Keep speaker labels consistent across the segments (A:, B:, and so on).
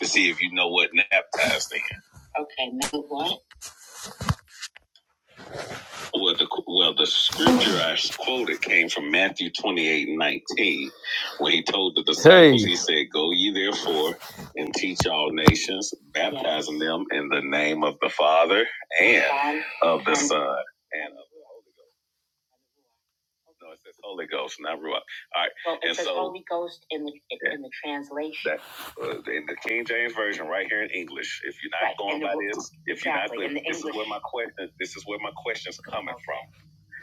A: to see if you know what baptized in. Well, the well the scripture I quoted came from Matthew twenty eight nineteen, where he told the disciples, Hey, he said, "Go ye therefore and teach all nations, baptizing them in the name of the Father and of Son and of the Holy Ghost." No, it says Holy Ghost, not Ruach. All right, uh, in the King James version, right here in English. If you're not, if my question, this is where my question's coming from.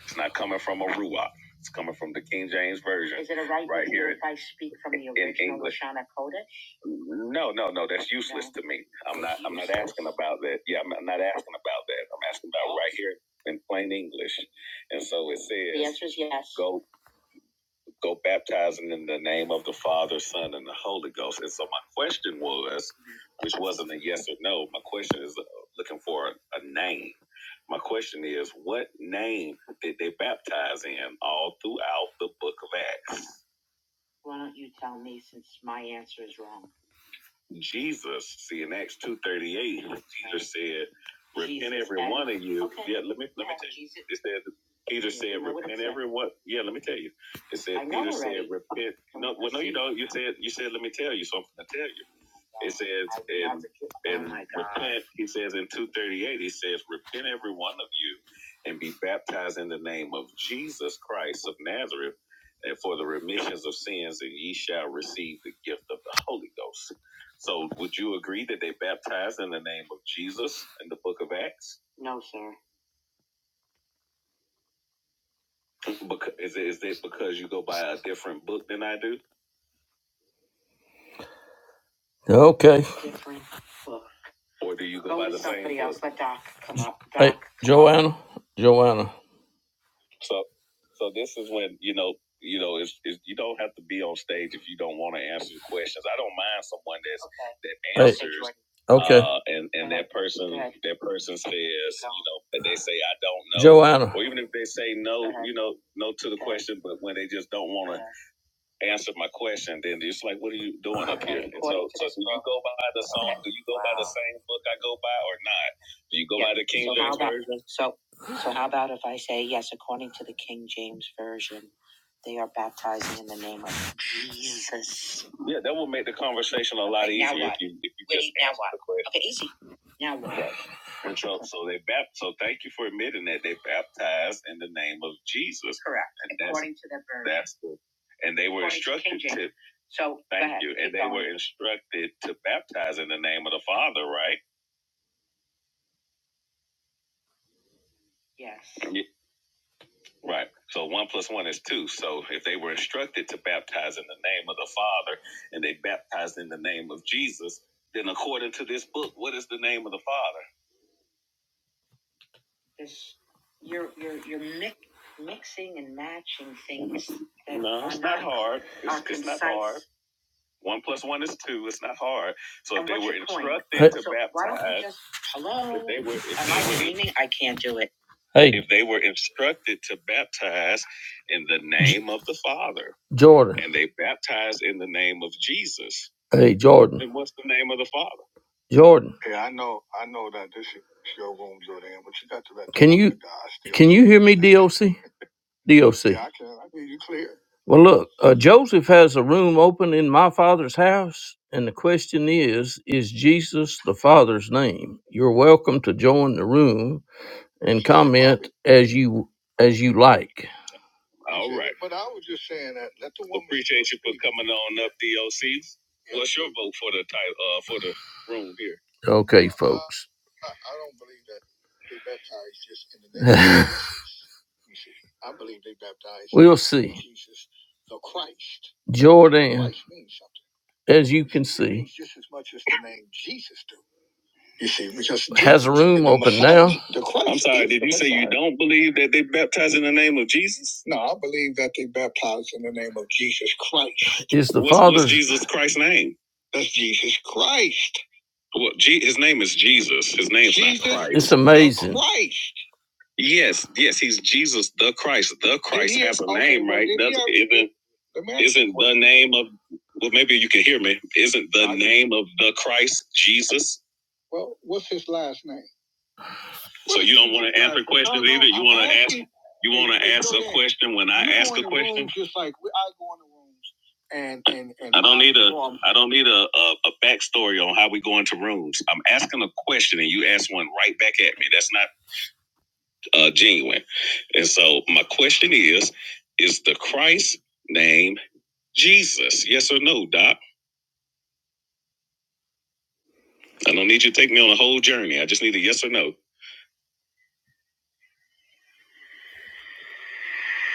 A: It's not coming from a Ruach. It's coming from the King James version No, no, no. That's useful to me. I'm not about that. Yeah, I'm not asking about that. I'm asking about right here in plain English. And so it said, "Go, go, baptizing in the name of the Father, Son, and the Holy Ghost." And so my question was, which wasn't a yes or no. My question is uh, looking for a, a name. My question is, what name did they baptize in all throughout the book of Acts? Jesus, see in Acts two thirty eight, said, "One of you." Let me. It says Peter what? Yeah, let me tell you. It says it, oh, you said you said let me tell you, so I'm gonna tell you. says and he says in two thirty eight, he says, Repent every one of you and be baptized in the name of Jesus Christ of Nazareth and for the remissions of sins and ye shall receive the gift of the Holy Ghost. So would you agree that they baptized in the name of Jesus in the book of Acts? Because, is, it, is it because you go by a different book than I do? Okay. Or do you Joanna, Joanna. So, so this is when you know, you know, it's, it's you don't have to be on stage if you don't want to answer questions. I don't mind someone that's that Hey, Hey. okay, uh, and and that person, that person says, you know, that they say I don't know, Joanna. or even if they say no, you know, no to the question, but when they just don't want to answer my question, then it's like, what are you doing? Go by the song? Do you go the same book I go by or not? Do you go? Yeah, that will make the conversation a lot easier if you have a question. And so, so they baptized. So thank you for admitting that they baptized in the name of Jesus. That's the, and they were instructed to baptize in the name of the Father, right? Yeah. Right. So one plus one is two. So if they were instructed to baptize in the name of the Father and they baptized in the name of Jesus, then according to this book, what is the name of the Father? All right. One plus one is two. It's not hard. So if just- Hey. if they were instructed to baptize in the name of the Father Jordan. and they baptized in the name of Jesus, Hey, Jordan. then what's the name of the Father? Jordan. Hey, I know, I know that this is your room, Jordan, but you got to let Can you can you hear me, DOC? DOC. Yeah, I can. I hear you clear. Well, look, uh, Joseph has a room open in my father's house, and the question is, is Jesus the Father's name? You're welcome to join the room and comment as you as you like. All right. But I was just saying that. let the woman Appreciate you for coming on up, DOC. What's your vote for the title uh, for the room here? Okay, folks. Uh, I I don't believe believe that they they baptized baptized. just in the name. of Jesus. You see, I believe they baptized. We'll see. Jesus, the Christ. Jordan, Christ means something. as you can see, just as as much as the name Jesus do. You see, because Has a room open now. I'm sorry, did you say you don't believe that they baptize in the name of Jesus? No, I believe that they baptize in the name of Jesus Christ. Is the What's Father? what's Father's Jesus Christ's name? That's Jesus Christ. Well, G, his name is Jesus. His name's Jesus, not Christ. it's amazing. Christ. Yes, yes, he's Jesus, the Christ. The Christ has a name, right? Doesn't isn't isn't the name of well, maybe you can hear me. Isn't the name of the Christ Jesus? Well, what's his last name? So you don't want to answer questions either. You want to ask. You want to ask a question when I ask a question. Just like I go in the rooms and and and. I don't need a. I don't need a, a, a backstory on how we go into rooms. I'm asking a question and you ask one right back at me. That's not uh, genuine. And so my question is, is the Christ name Jesus? Yes or no, Doc? I don't need you to take me on a whole journey. I just need a yes or no.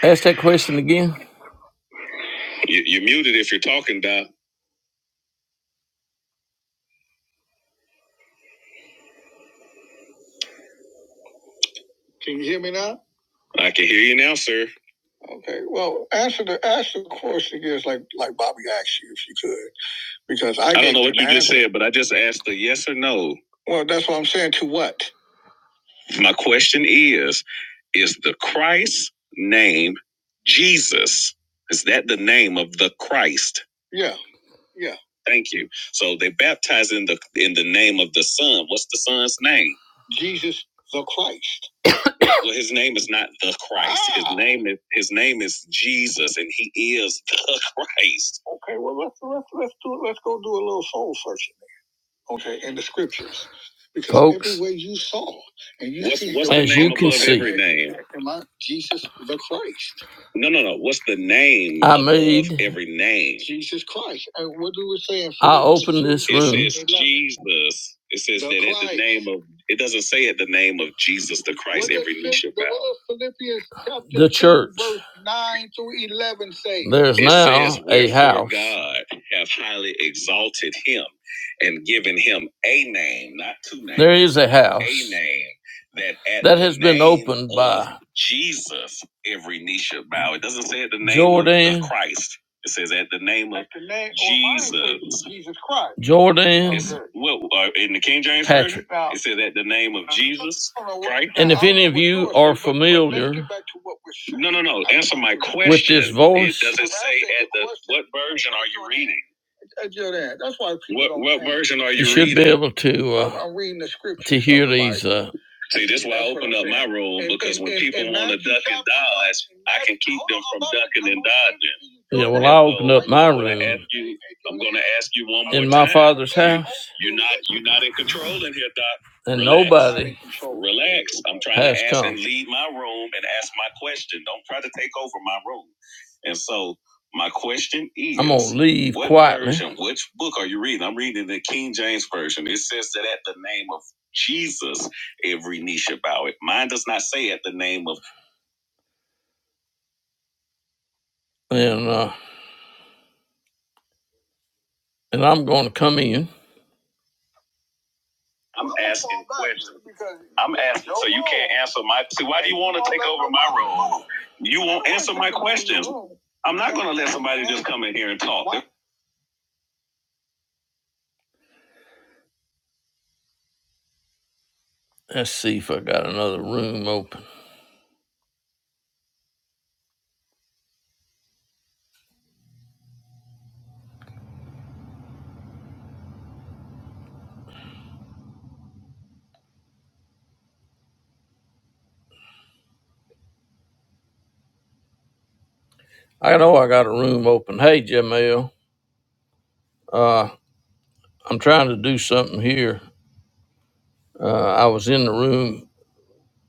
A: Ask that question again. You, you're muted if you're talking, Doc. Can you hear me now? I can hear you now, sir. Okay. Well, answer the answer the question is like like Bobby asked you if you could because I, I don't know what you just said, but I just asked a yes or no. Well, that's what I'm saying. To what? My question is Is the Christ name Jesus? Is that the name of the Christ? Yeah, yeah. Thank you. So they baptize in the in the name of the Son. What's the Son's name? Jesus the Christ. Well, his name is not the Christ. Ah. His Ah. name is his name is Jesus, and he is the Christ. Okay. Well, let's let's let's do let's go do a little soul searching okay, in the scriptures. Because Folks, everywhere you saw and you what's, see, what's the as name you can see, every name? Am I Jesus the Christ? No, no, no. What's the name? I made every name. Jesus Christ. And what do we say? in I Philippians opened this room. It says Jesus. It says The that Christ. at the name of. It doesn't say at the name of Jesus the Christ. What every knee shall bow. the church. verse Nine through eleven. Say there's it now says, a house. God have highly exalted him and given him a name, not two names. There is a house. A name that at that has the been name opened of by Jesus. Every knee shall bow. It doesn't say at the name Jordan, of Christ. It says at the name of At the name Jesus. name, Jesus Christ. Jordan. It's- Well, uh, in the King James Version, Patrick. it says at the name of Jesus Christ. And if any of you are familiar, no, no, no. Answer my question. With this voice, it doesn't say at the what version are you reading? I tell that. That's why people. What, don't what think- version are you? You should reading? be able to uh, I'm reading the scripture. to hear these. Uh, See, this is why I open up my room because when people want to duck and dodge, I can keep them from ducking and dodging. yeah, well, I opened up my room I'm going to ask you one more time. in my father's house, you're not. You're not in control in here, Doc. and Relax. nobody Relax. I'm trying to has to ask and come. and lead my room and ask my question. Don't try to take over my room. And so my question is I'm gonna leave what quietly. version, which book are you reading? I'm reading the King James Version. It says that at the name of Jesus, every knee shall bow it. Mine does not say at the name of And uh and I'm gonna come in. I'm asking questions. I'm asking so you can't answer my see why do you want to take over my role? You won't answer my questions. I'm not gonna let somebody just come in here and talk. Let's see if I got another room open. I know I got a room open. Hey Jamel. Uh, I'm trying to do something here. Uh, I was in the room.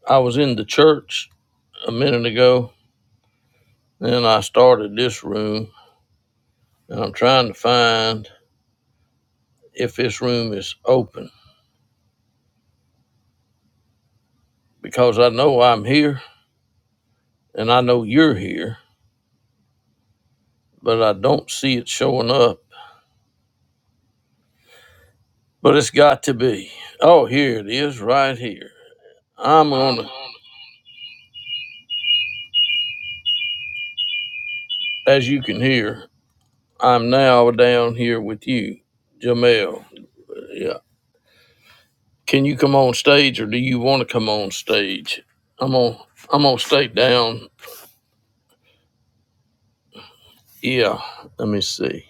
A: I was in the church a minute ago. and I started this room, and I'm trying to find if this room is open because I know I'm here and I know you're here, but I don't see it showing up. But it's got to be. Oh, here it is, right here. I'm on. a, As you can hear, I'm now down here with you, Jamel. Yeah. Can you come on stage, or do you want to come on stage? I'm on. I'm gonna stay down. Yeah. Let me see.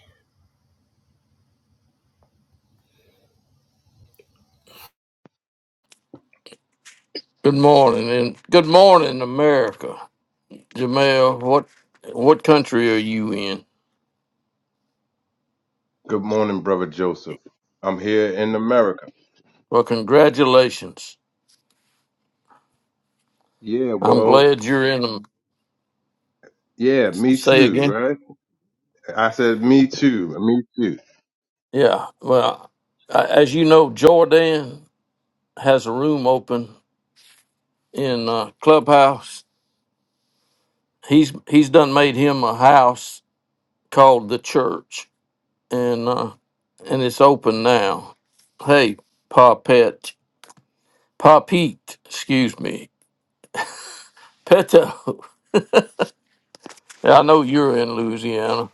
A: Good morning, and good morning, America. Jamel, what what country are you in?
B: Good morning, Brother Joseph. I'm here in America.
A: Well, congratulations.
B: Yeah,
A: I'm
B: well,
A: glad you're in them.
B: yeah, me
A: Say
B: too,
A: again.
B: right? I said, me too, me too.
A: Yeah. Well, a- as you know, Jordan has a room open in uh, clubhouse. He's he's done made him a house called the church and uh, and it's open now. Hey, Papet, Papete, excuse me, Peto. I know you're in Louisiana.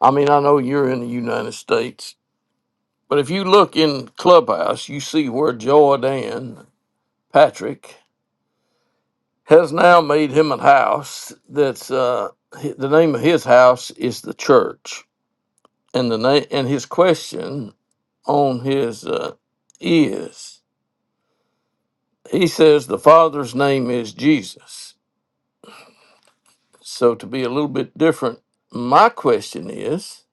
A: I mean, I know you're in the United States. But if you look in Clubhouse, you see where Jordan Patrick has now made him a house. That's uh, hi- the name of his house is the church, and the name and his question on his uh, is. He says the Father's name is Jesus. So, to be a little bit different, my question is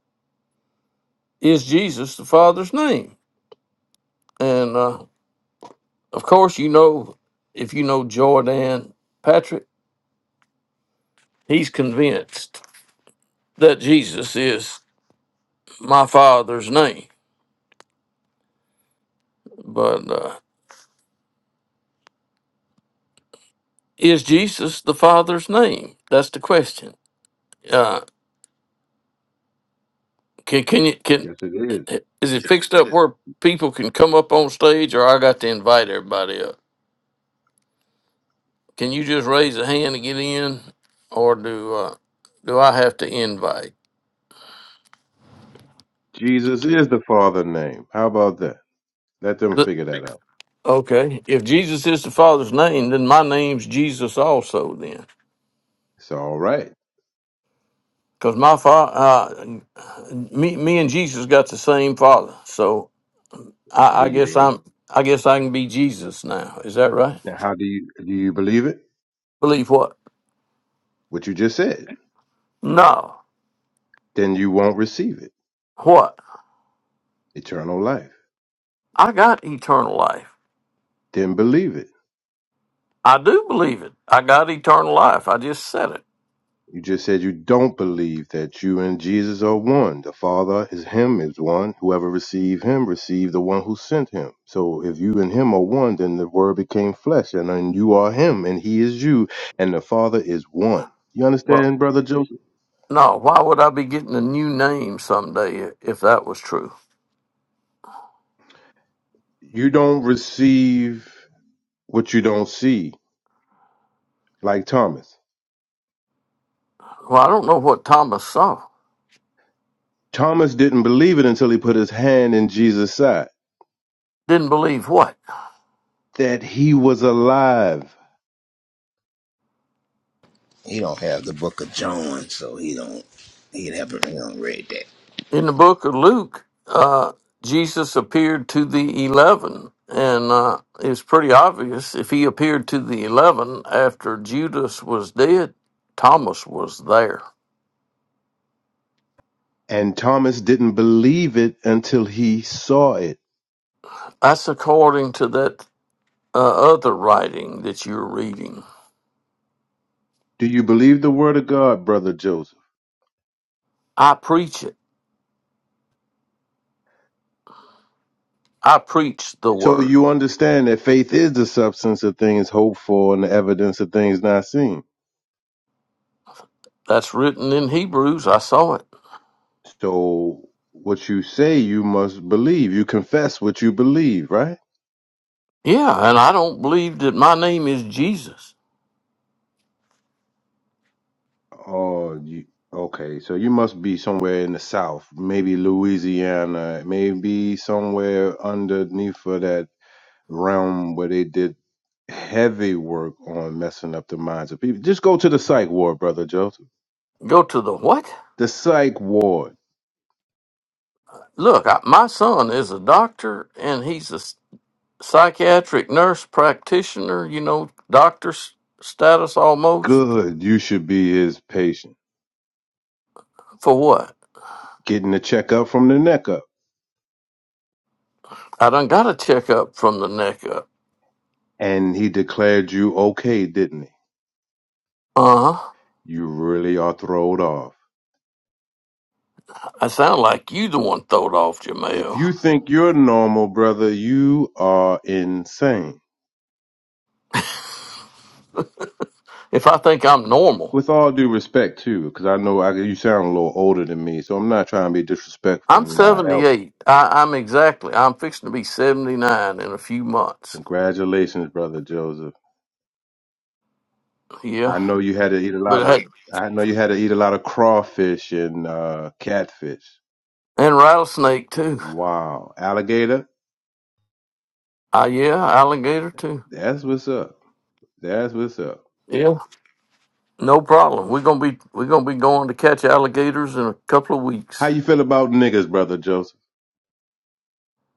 A: Is Jesus the Father's name? And uh, of course, you know, if you know Jordan Patrick, he's convinced that Jesus is my Father's name. But uh, is Jesus the Father's name? That's the question. Uh, can, can you, can,
B: Yes, it is.
A: is it fixed up where people can come up on stage or I got to invite everybody Can you just raise a hand to get in, or do uh, do I have to invite?
B: Jesus is the Father name. How about that? Let them
A: Th-
B: figure that out.
A: Okay, if Jesus is the Father's name, then my name's Jesus also. Then,
B: It's all right.
A: because my father, uh, me, me and Jesus got the same Father, so
B: There
A: I, I
B: you
A: guess
B: go.
A: I'm, I guess I can be Jesus now. Is that right?
B: Now, how do you do? You believe it?
A: Believe what?
B: What you just said?
A: No,
B: Then you won't receive it.
A: what?
B: Eternal life.
A: I got eternal life.
B: Then believe it.
A: I do believe it. I got eternal life. I just said it.
B: You just said you don't believe that you and Jesus are one. The Father is Him is one. Whoever received Him received the one who sent Him. So if you and Him are one, then the Word became flesh, and then you are Him, and He is you, and the Father is one. You
A: Well.
B: understand, brother Joseph?
A: No, why would I be getting a new name someday if that was true?
B: You don't receive what you don't see, like Thomas.
A: Well, I don't know what Thomas saw.
B: Thomas didn't believe it until he put his hand in Jesus' side
A: Didn't believe what?
B: that He was alive,
C: He don't have the book of John, so he don't he haven't he don't read that.
A: In the book of Luke, uh, Jesus appeared to the 11, and uh, it's pretty obvious if he appeared to the 11 after Judas was dead, Thomas was there.
B: and Thomas didn't believe it until he saw it.
A: That's according to that uh, other writing that you're reading.
B: Do you believe the word of God, brother Joseph?
A: I preach it, I preach the
B: So
A: word.
B: you understand that faith is the substance of things hoped for and the evidence of things not seen.
A: That's written in Hebrews. I saw it.
B: So what you say, you must believe. You confess what you believe, right?
A: Yeah, and I don't believe that my name is Jesus.
B: Oh, you, okay. So you must be somewhere in the South, maybe Louisiana, maybe somewhere underneath of that realm where they did heavy work on messing up the minds of people. Just go to the psych ward, brother Joseph.
A: Go to the what?
B: The psych ward.
A: Look, I, my son is a doctor and he's a s- psychiatric nurse practitioner, you know, doctor s- status almost.
B: Good, you should be his patient.
A: For what?
B: Getting a checkup from the neck up.
A: I done got a checkup from the neck up.
B: And he declared you okay, didn't
A: Uh huh.
B: he? You really are throwed off.
A: I sound like you the one throwed off,
B: If
A: Jamel.
B: you think you're normal, brother, you are insane.
A: If I think I'm normal,
B: With all due respect, too, because I know I, you sound a little older than me, so I'm not trying to be
A: I'm
B: disrespecting my elder.
A: 78. I, I'm exactly, I'm fixing to be 79 in a few months.
B: Congratulations, brother Joseph.
A: Yeah.
B: I know you had to eat a lot
A: But
B: of.
A: hey,
B: I know you had to eat a lot of crawfish and uh, catfish.
A: and rattlesnake too.
B: Wow, alligator.
A: Uh, yeah, alligator too.
B: That's what's up. That's what's up.
A: Yeah, no problem. We're gonna be we're gonna be going to catch alligators in a couple of
B: How
A: weeks.
B: you feel about niggas, brother Joseph?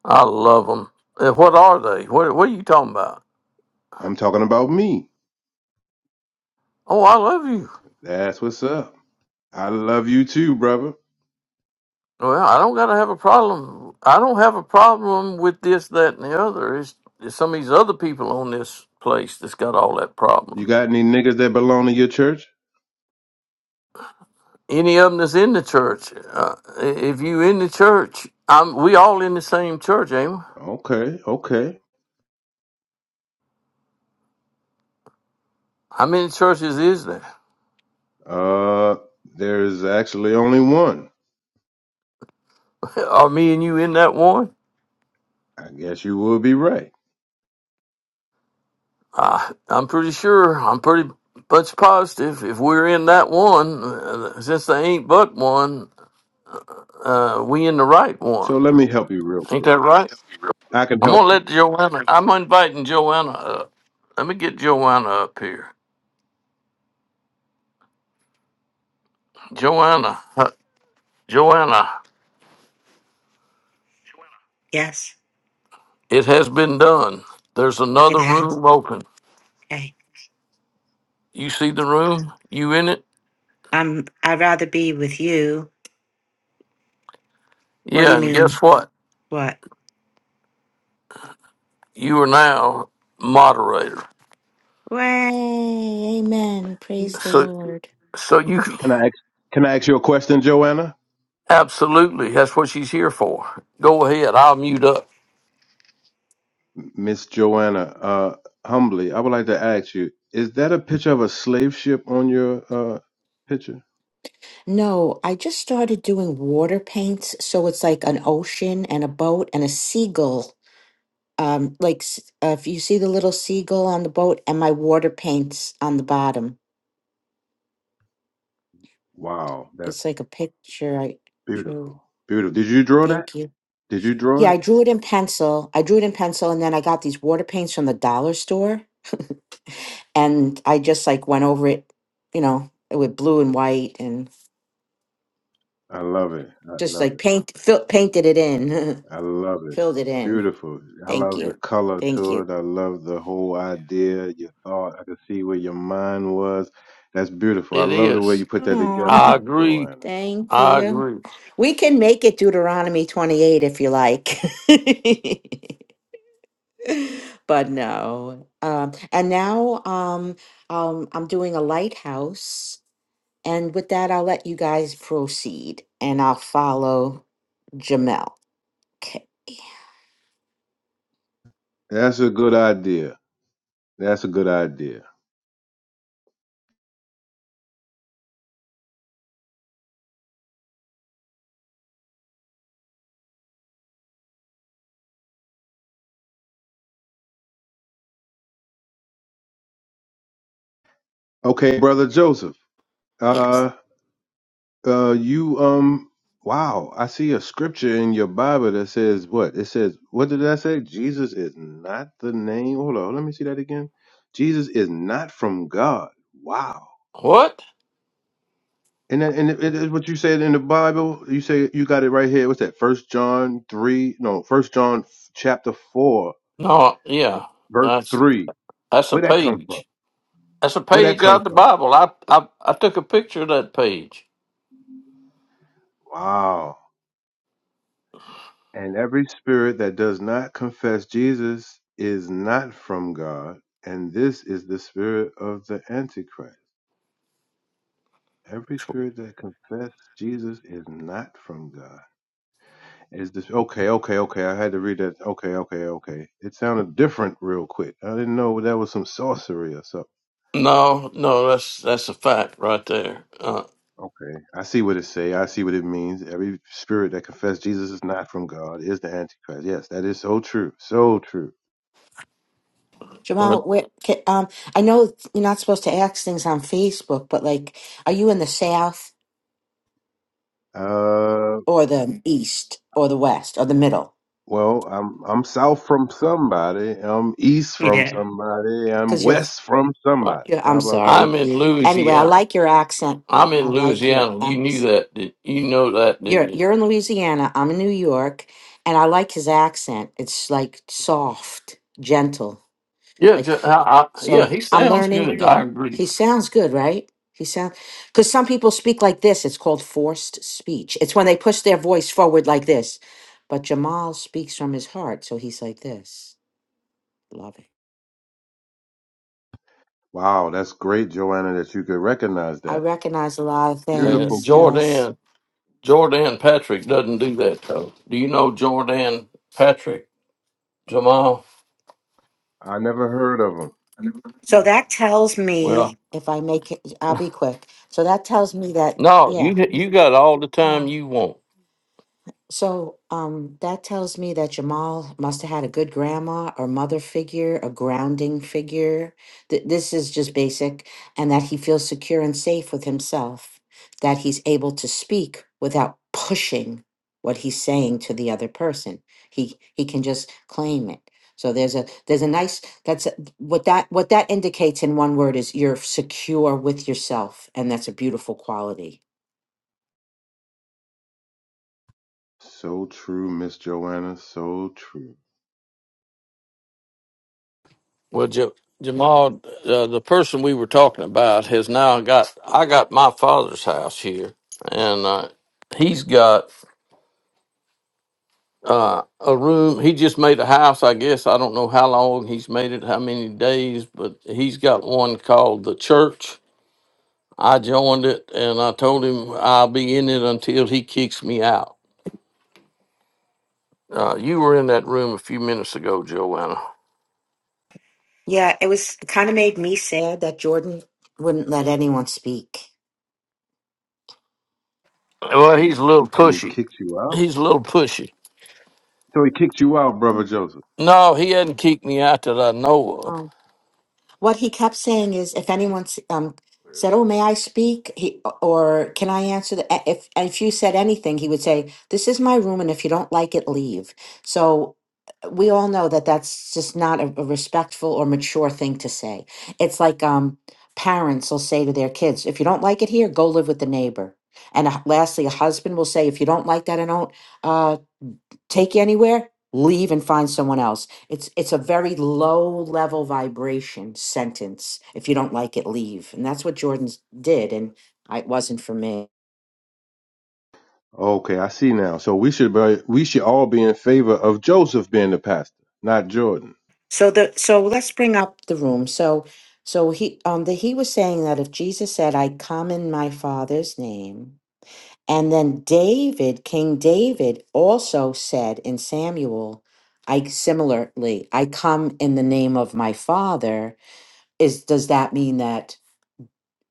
A: I love them. What are they? What What are you talking about?
B: I'm talking about me.
A: Oh, I love you.
B: That's what's up. I love you too, brother.
A: Well, I don't gotta have a problem. I don't have a problem with this, that, and the other. It's, it's some of these other people on this place that's got all that problem.
B: You got any niggas that belong to your church?
A: Any of them that's in the church, uh, if you in the church, I'm, we all in the same church, ain't we?
B: Okay, okay.
A: How many churches is there?
B: Uh, there's actually only one.
A: Are me and you in that one?
B: I guess you will be right.
A: Uh, I'm pretty sure. I'm pretty much positive. If we're in that one, uh, since they ain't but one, uh, we in the right
B: So
A: one.
B: let me help you real
A: Ain't
B: quick.
A: that right?
B: I can
A: I'm
B: help
A: gonna
B: you.
A: let Joanna. I'm inviting Joanna up. Let me get Joanna up here. Joanna, uh, Joanna.
D: Yes,
A: It has been done. There's
D: it
A: another
D: has.
A: room open.
D: Okay.
A: You see the room? You in it?
D: Um, I'd rather be with you. What do
A: Yeah.
D: you
A: And
D: Yeah. mean?
A: guess what?
D: What?
A: You are now moderator.
D: Way, amen. Praise the
A: So,
D: Lord.
A: so you
B: Can I ask, can I ask you a question, Joanna?
A: Absolutely. That's what she's here for. Go ahead. I'll mute up.
B: Miss Joanna, uh, humbly, I would like to ask you, is that a picture of a slave ship on your, uh, picture?
D: No, I just started doing water paints, so it's like an ocean and a boat and a seagull. Um, like s- uh, if you see the little seagull on the boat and my water paints on the bottom.
B: Wow. that's.
D: It's like a picture I
B: Beautiful.
D: drew.
B: Beautiful. Did you draw that?
D: Thank you.
B: Did you draw
D: Yeah, I
B: it?
D: drew it in pencil. I drew it in pencil, and then I got these water paints from the dollar store. and I just like went over it, you know, with blue and white and
B: I love it. I
D: just
B: love
D: like
B: it.
D: paint fill, painted it in,
B: I love it.
D: filled it in.
B: Beautiful. I
D: Thank
B: love the
D: you.
B: color
D: Thank
B: to
D: you.
B: it. I love the whole idea, your thought. I can see where your mind was. That's beautiful. I
A: It
B: love the way
A: is.
B: you put that
D: Aw,
B: together,
A: I
B: Miss
A: agree.
B: Joanna.
D: thank
A: I
D: you.
A: agree.
D: We can make it Deuteronomy 28 if you like. but no. Um, and now um, um, I'm doing a lighthouse. And with that, I'll let you guys proceed and I'll follow Jamel. Okay.
B: That's a good idea. That's a good idea. Okay, brother Joseph.
D: Yes.
B: uh, Uh, you um, wow, I see a scripture in your Bible that says what? It says, what did I say? Jesus is not the name. Hold on, let me see that again. Jesus is not from God. Wow.
A: What?
B: And that, and it it is what you said in the Bible. You say you got it right here. What's that? First John three? No, First John f- chapter four,
A: No, yeah.
B: verse
A: That's
B: three.
A: that's a
B: Where that come from?
A: page. That's a
B: Where that
A: page out
B: come
A: of the
B: from?
A: Bible. I I, I took a picture of that page.
B: Wow. And every spirit that does not confess Jesus is not from God, and this is the spirit of the Antichrist. Every spirit that confesses Jesus is not from God. Is this okay? Okay, okay. I had to read that. Okay, okay, okay. It sounded different real quick. I didn't know that was some sorcery or something.
A: No, no, that's that's a fact right there. Uh,
B: Okay, I see what it say. I see what it means. Every spirit that confesses Jesus is not from God is the Antichrist. Yes, that is so true. So true.
D: Jamal, where, ca- um, I know you're not supposed to ask things on Facebook, but like, are you in the South
B: Uh.
D: or the East or the West or the Middle?
B: Well, I'm I'm south from somebody. I'm east from
D: Yeah.
B: somebody. I'm
D: Because you're,
B: west from
A: right.
B: somebody.
D: you're,
B: How
D: I'm
B: about that?
D: sorry.
A: I'm in
D: Anyway, I
A: Louisiana.
D: like your accent.
A: I'm in
D: I like your
A: Louisiana. You knew
D: accent.
A: that. Did you know that? Didn't
D: You're
A: you?
D: you're in Louisiana. I'm in New York, and I like his accent. It's like soft, gentle.
A: Yeah,
D: Like,
A: ju- I, I, yeah.
D: so
A: He
D: I'm
A: sounds
D: learning.
A: good.
D: Yeah.
A: I agree.
D: He sounds good, right? He sounds because some people speak like this. It's called forced speech. It's when they push their voice forward like this. But Jamal speaks from his heart. So he's like this. Love it.
B: Wow, that's great, Joanna, that you could recognize
D: I
B: that.
D: recognize a lot of
A: Uh,
B: Beautiful
D: things.
B: gift.
D: Yes.
A: Jordan. Jordan Patrick doesn't do that though. Do you know Jordan Patrick Jamal?
B: I never heard of him.
D: So that tells me
A: Well,
D: if I make it, I'll be quick. So that tells me that,
A: no,
D: yeah.
A: you you got all the time
D: Oh.
A: you want.
D: So um, that tells me that Jamal must have had a good grandma or mother figure, a grounding figure. Th- this is just basic, and that he feels secure and safe with himself, that he's able to speak without pushing what he's saying to the other person. He he can just claim it. So there's a there's a nice that's a, what that what that indicates in one word is you're secure with yourself, and that's a beautiful quality
B: So true, Miss Joanna. So true.
A: Well, Ja- Jamal, uh, the person we were talking about has now got. I got my father's house here, and uh, he's got uh, a room. He just made a house, I guess. I don't know how long he's made it, how many days, but he's got one called the church. I joined it, and I told him I'll be in it until he kicks me out Uh, you were in that room a few minutes ago, Joanna.
D: Yeah, it was kind of made me sad that Jordan wouldn't let anyone speak.
A: Well, he's a little
B: And he
A: pushy.
B: kicked you out.
A: He's a little pushy.
B: So he kicked you out, brother Joseph.
A: No, he hasn't kicked me out that I know of.
D: Um, what he kept saying is, if anyone s- um, said, "Oh, may I speak?" He, or "Can I answer?" The, a- if if you said anything, he would say, "This is my room, and if you don't like it, leave." So uh, we all know that that's just not a, a respectful or mature thing to say. It's like um, parents will say to their kids, "If you don't like it here, go live with the neighbor." And uh, lastly, a husband will say, "If you don't like that, I don't." uh, take you anywhere leave and find someone else it's it's a very low level vibration sentence if you don't like it leave and that's what jordan's did and I, it wasn't for me
B: Okay, I see now. So we should be, we should all be in favor of Joseph being the pastor, not Jordan.
D: so the so let's bring up the room so so he um the he was saying that if jesus said i come in my father's name and then david king david also said in samuel i similarly i come in the name of my father is does that mean that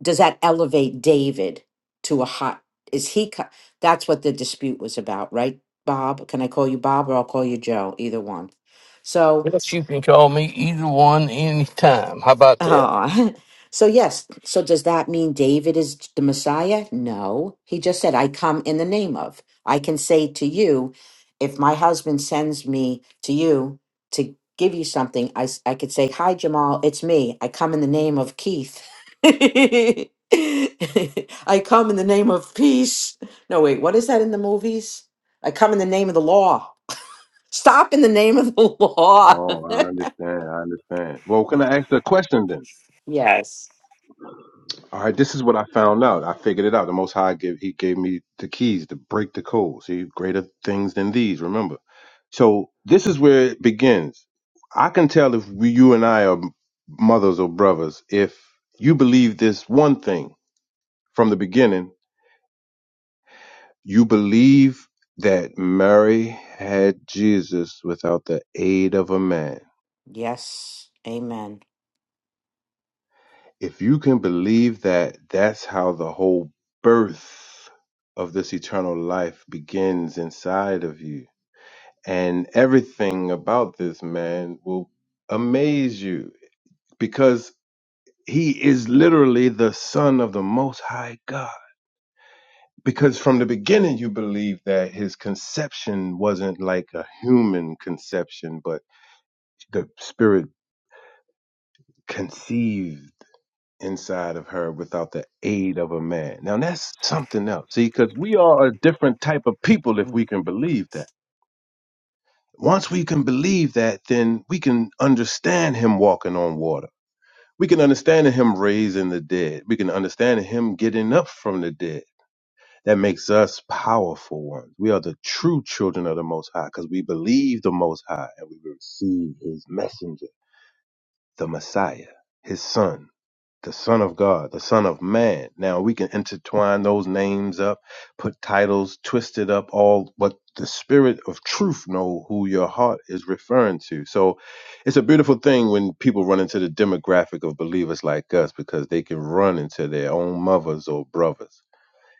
D: does that elevate David to a hot? Is he? co- That's what the dispute was about, right, Bob? Can I call you Bob or I'll call you Joe? Either one. So
A: Yes, you can call me either one anytime. How about that?
D: Oh, so yes. So does that mean David is the Messiah? No. He just said, I come in the name of. I can say to you, if my husband sends me to you to give you something, I, s- I could say, Hi, Jamal, it's me. I come in the name of Keith. I come in the name of peace. No, wait, what is that in the movies? I come in the name of the law. Stop in the name of the law.
B: Oh, I understand. I understand. Well, can I ask a question then?
D: yes.
B: All right, this is what I found out. I figured it out. The Most High gave he gave me the keys to break the code. See, greater things than these. Remember, so this is where it begins. I can tell if we, you and I are mothers or brothers if you believe this one thing from the beginning. You believe that Mary had Jesus without the aid of a man.
D: Yes. Amen.
B: If you can believe that, that's how the whole birth of this eternal life begins inside of you. And everything about this man will amaze you because he is literally the son of the most high God. Because from the beginning, you believe that his conception wasn't like a human conception, but the spirit conceived inside of her without the aid of a man. Now that's something else. See, because we are a different type of people if
D: Mm,
B: we can
D: yeah.
B: believe that. Once we can believe that, then we can understand him walking on water. We can understand him raising the dead. We can understand him getting up from the dead. That makes us powerful ones. We are the true children of the Most High because we believe the Most High and we receive his messenger, the Messiah, his son. the Son of God, the Son of Man. Now we can intertwine those names up, put titles, twist it up, all but the spirit of truth know who your heart is referring to. So it's a beautiful thing when people run into the demographic of believers like us because they can run into their own mothers or brothers.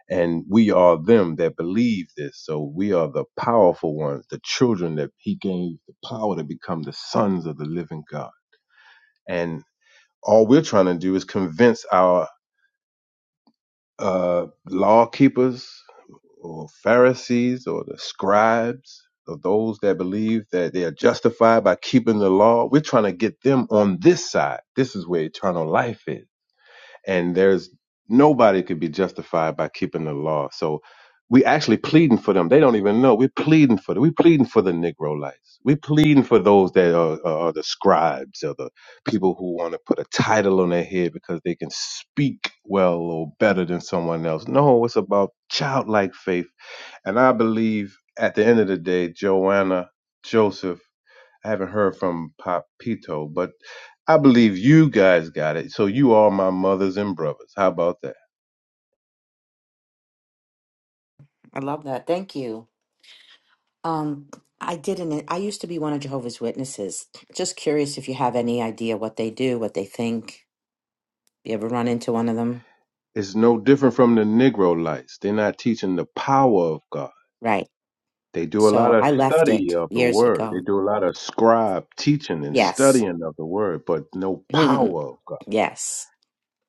B: And we are them that believe this. So we are the powerful ones, the children that he gave the power to become the sons of the living God. And all we're trying to do is convince our uh, law keepers or Pharisees or the scribes or those that believe that they are justified by keeping the law. We're trying to get them on this side. This is where eternal life is and there's nobody could be justified by keeping the law. So we actually pleading for them. They don't even know. We're pleading for them. We're pleading for the Negro lights. We're pleading for those that are, are, are the scribes or the people who want to put a title on their head because they can speak well or better than someone else. No, it's about childlike faith. And I believe at the end of the day, Joanna, Joseph, I haven't heard from Papito, but I believe you guys got it. So you are my mothers and brothers. How about that?
D: I love that. Thank you. Um, I didn't. I used to be one of Jehovah's Witnesses. Just curious if you have any idea what they do, what they think. You ever run into one of them?
B: It's no different from the Negro lights. They're not teaching the power of God.
D: Right.
B: They do a lot
D: So
B: of
D: I left
B: study
D: it
B: of the
D: years
B: word. They
D: ago.
B: do a lot of scribe teaching and
D: Yes.
B: studying of the word, but no
D: Mm,
B: power of God.
D: yes.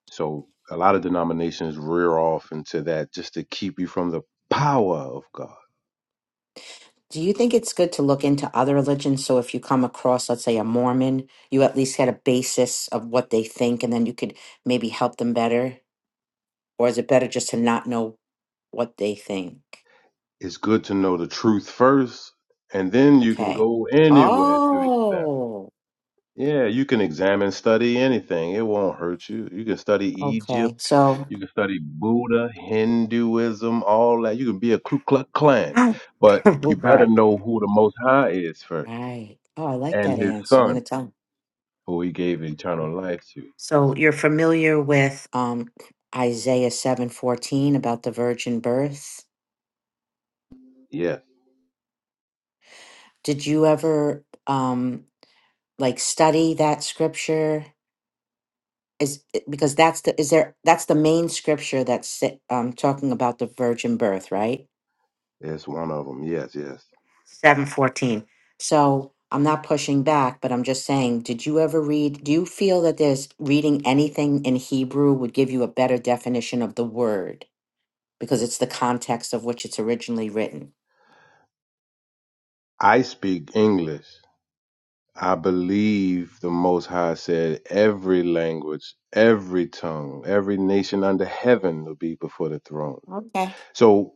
B: So a lot of denominations rear off into that just to keep you from the power of God.
D: Do you think it's good to look into other religions? So if you come across, let's say, a Mormon, you at least had a basis of what they think, and then you could maybe help them better? Or is it better just to not know what they think?
B: It's good to know the truth first, and then you can
D: Okay.
B: go anywhere to examine.
D: Oh,
B: Yeah, you can examine, study anything. It won't hurt you. You can study
D: okay.
B: Egypt.
D: So,
B: You can study Buddha, Hinduism, all that. You can be a Ku Klux Klan,
D: oh
B: but
D: oh
B: you better
D: God.
B: know who the Most High is first,
D: Right. Oh, I like
B: and
D: that
B: His
D: answer. I'm going to
B: Son,
D: tell him.
B: who He gave eternal life to.
D: So you're familiar with um, Isaiah 7:14 about the virgin birth?
B: Yes,
D: Did you ever um, like study that scripture? Is it- because that's the is there that's the main scripture that's si- um, talking about the virgin birth, right?
B: it's one of them. Yes, yes.
D: seven fourteen. So I'm not pushing back, but I'm just saying, did you ever read? Do you feel that there's reading anything in Hebrew would give you a better definition of the word because it's the context of which it's originally written?
B: I speak English. I believe the Most High said every language, every tongue, every nation under heaven will be before the throne.
D: Okay,
B: So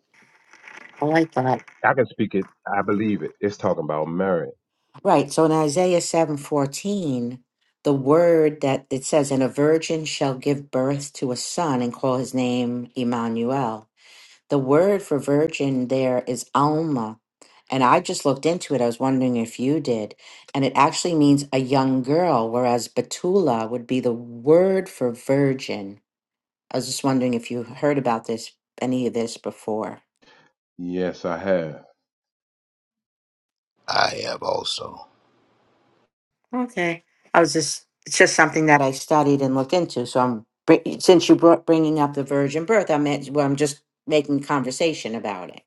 D: I like that.
B: I can speak it. I believe it. It's talking about Mary.
D: Right. So in Isaiah seven fourteen, the word that it says, "And a virgin shall give birth to a son, and call his name Emmanuel." The word for virgin there is Alma. And I just looked into it. I was wondering if you did. And it actually means a young girl, whereas Betula would be the word for virgin. I was just wondering if you heard about this, any of this before.
B: Yes, I have.
C: I have also.
D: Okay. I was just, it's just something that I studied and looked into. So I'm, br- since you brought bringing up the virgin birth, I meant, well, I'm just making conversation about it.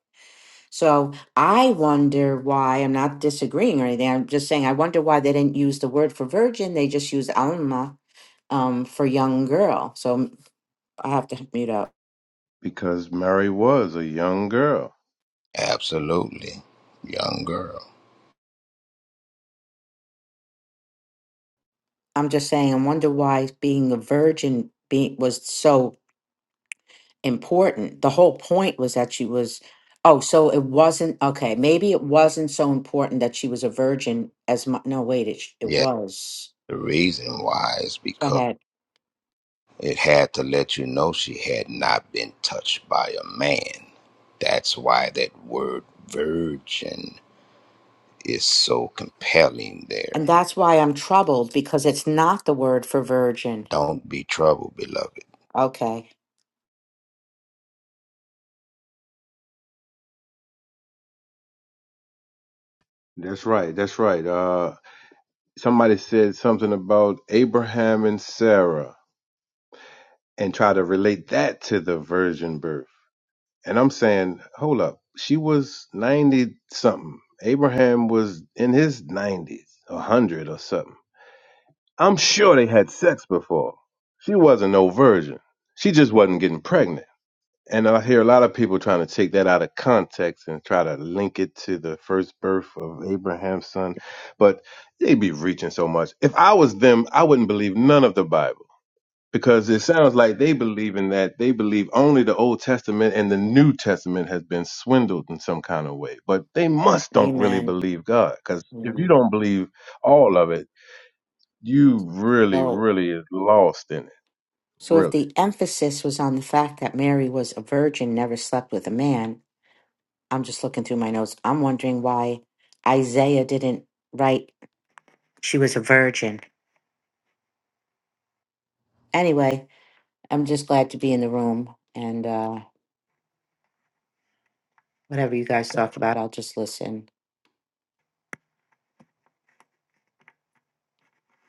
D: So I wonder why, I'm not disagreeing or anything, I'm just saying I wonder why they didn't use the word for virgin, they just used alma um, for young girl. So m- I have to mute up.
B: Because Mary was a young girl.
C: Absolutely. Young girl.
D: I'm just saying I wonder why being a virgin being was so important. The whole point was that she was oh, so it wasn't okay, maybe it wasn't so important that she was a virgin as much no wait, it sh- it
C: Yes.
D: was.
C: The reason why is
D: Go
C: because
D: ahead.
C: it had to let you know she had not been touched by a man. That's why that word virgin is so compelling
D: And
C: there.
D: that's why I'm troubled because it's not the word for virgin.
C: Don't be troubled, beloved.
D: Okay.
B: That's right. That's right. Uh, somebody said something about Abraham and Sarah and try to relate that to the virgin birth. And I'm saying, hold up. She was 90 something. Abraham was in his 90s, a 100 or something. I'm sure they had sex before. She wasn't no virgin. She just wasn't getting pregnant. And I hear a lot of people trying to take that out of context and try to link it to the first birth of Abraham's son, but they be reaching so much. If I was them, I wouldn't believe none of the Bible because it sounds like they believe in that. They believe only the Old Testament and the New Testament has been swindled in some kind of way, but they must don't really
D: Amen.
B: believe God because if you
D: Amen.
B: don't believe all of it, you really,
D: So,
B: really is lost in it.
D: so
B: Really.
D: if the emphasis was on the fact that Mary was a virgin, never slept with a man, I'm just looking through my notes. I'm wondering why Isaiah didn't write she was a virgin. Anyway, I'm just glad to be in the room, and uh, whatever you guys talk about, I'll just listen.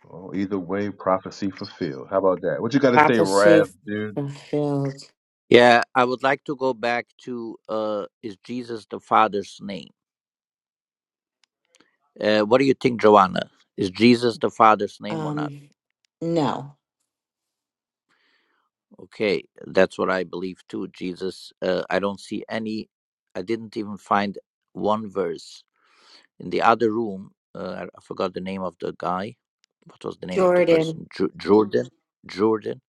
B: Well, either way, prophecy fulfilled. How about that? What you got to say,
D: Prophecy
B: Raph, dude?
D: fulfilled.
E: Yeah, I would like to go back to uh, is Jesus the Father's name? Uh, what do you think, Joanna? Is Jesus the Father's name or not?
D: Um, no,
E: Okay, that's what I believe too. Jesus, uh, I don't see any, I didn't even find one verse. In the other room, uh, I I forgot the name of the guy. What was the name of the
D: Jordan.
E: person? Ju- Jordan. Jordan.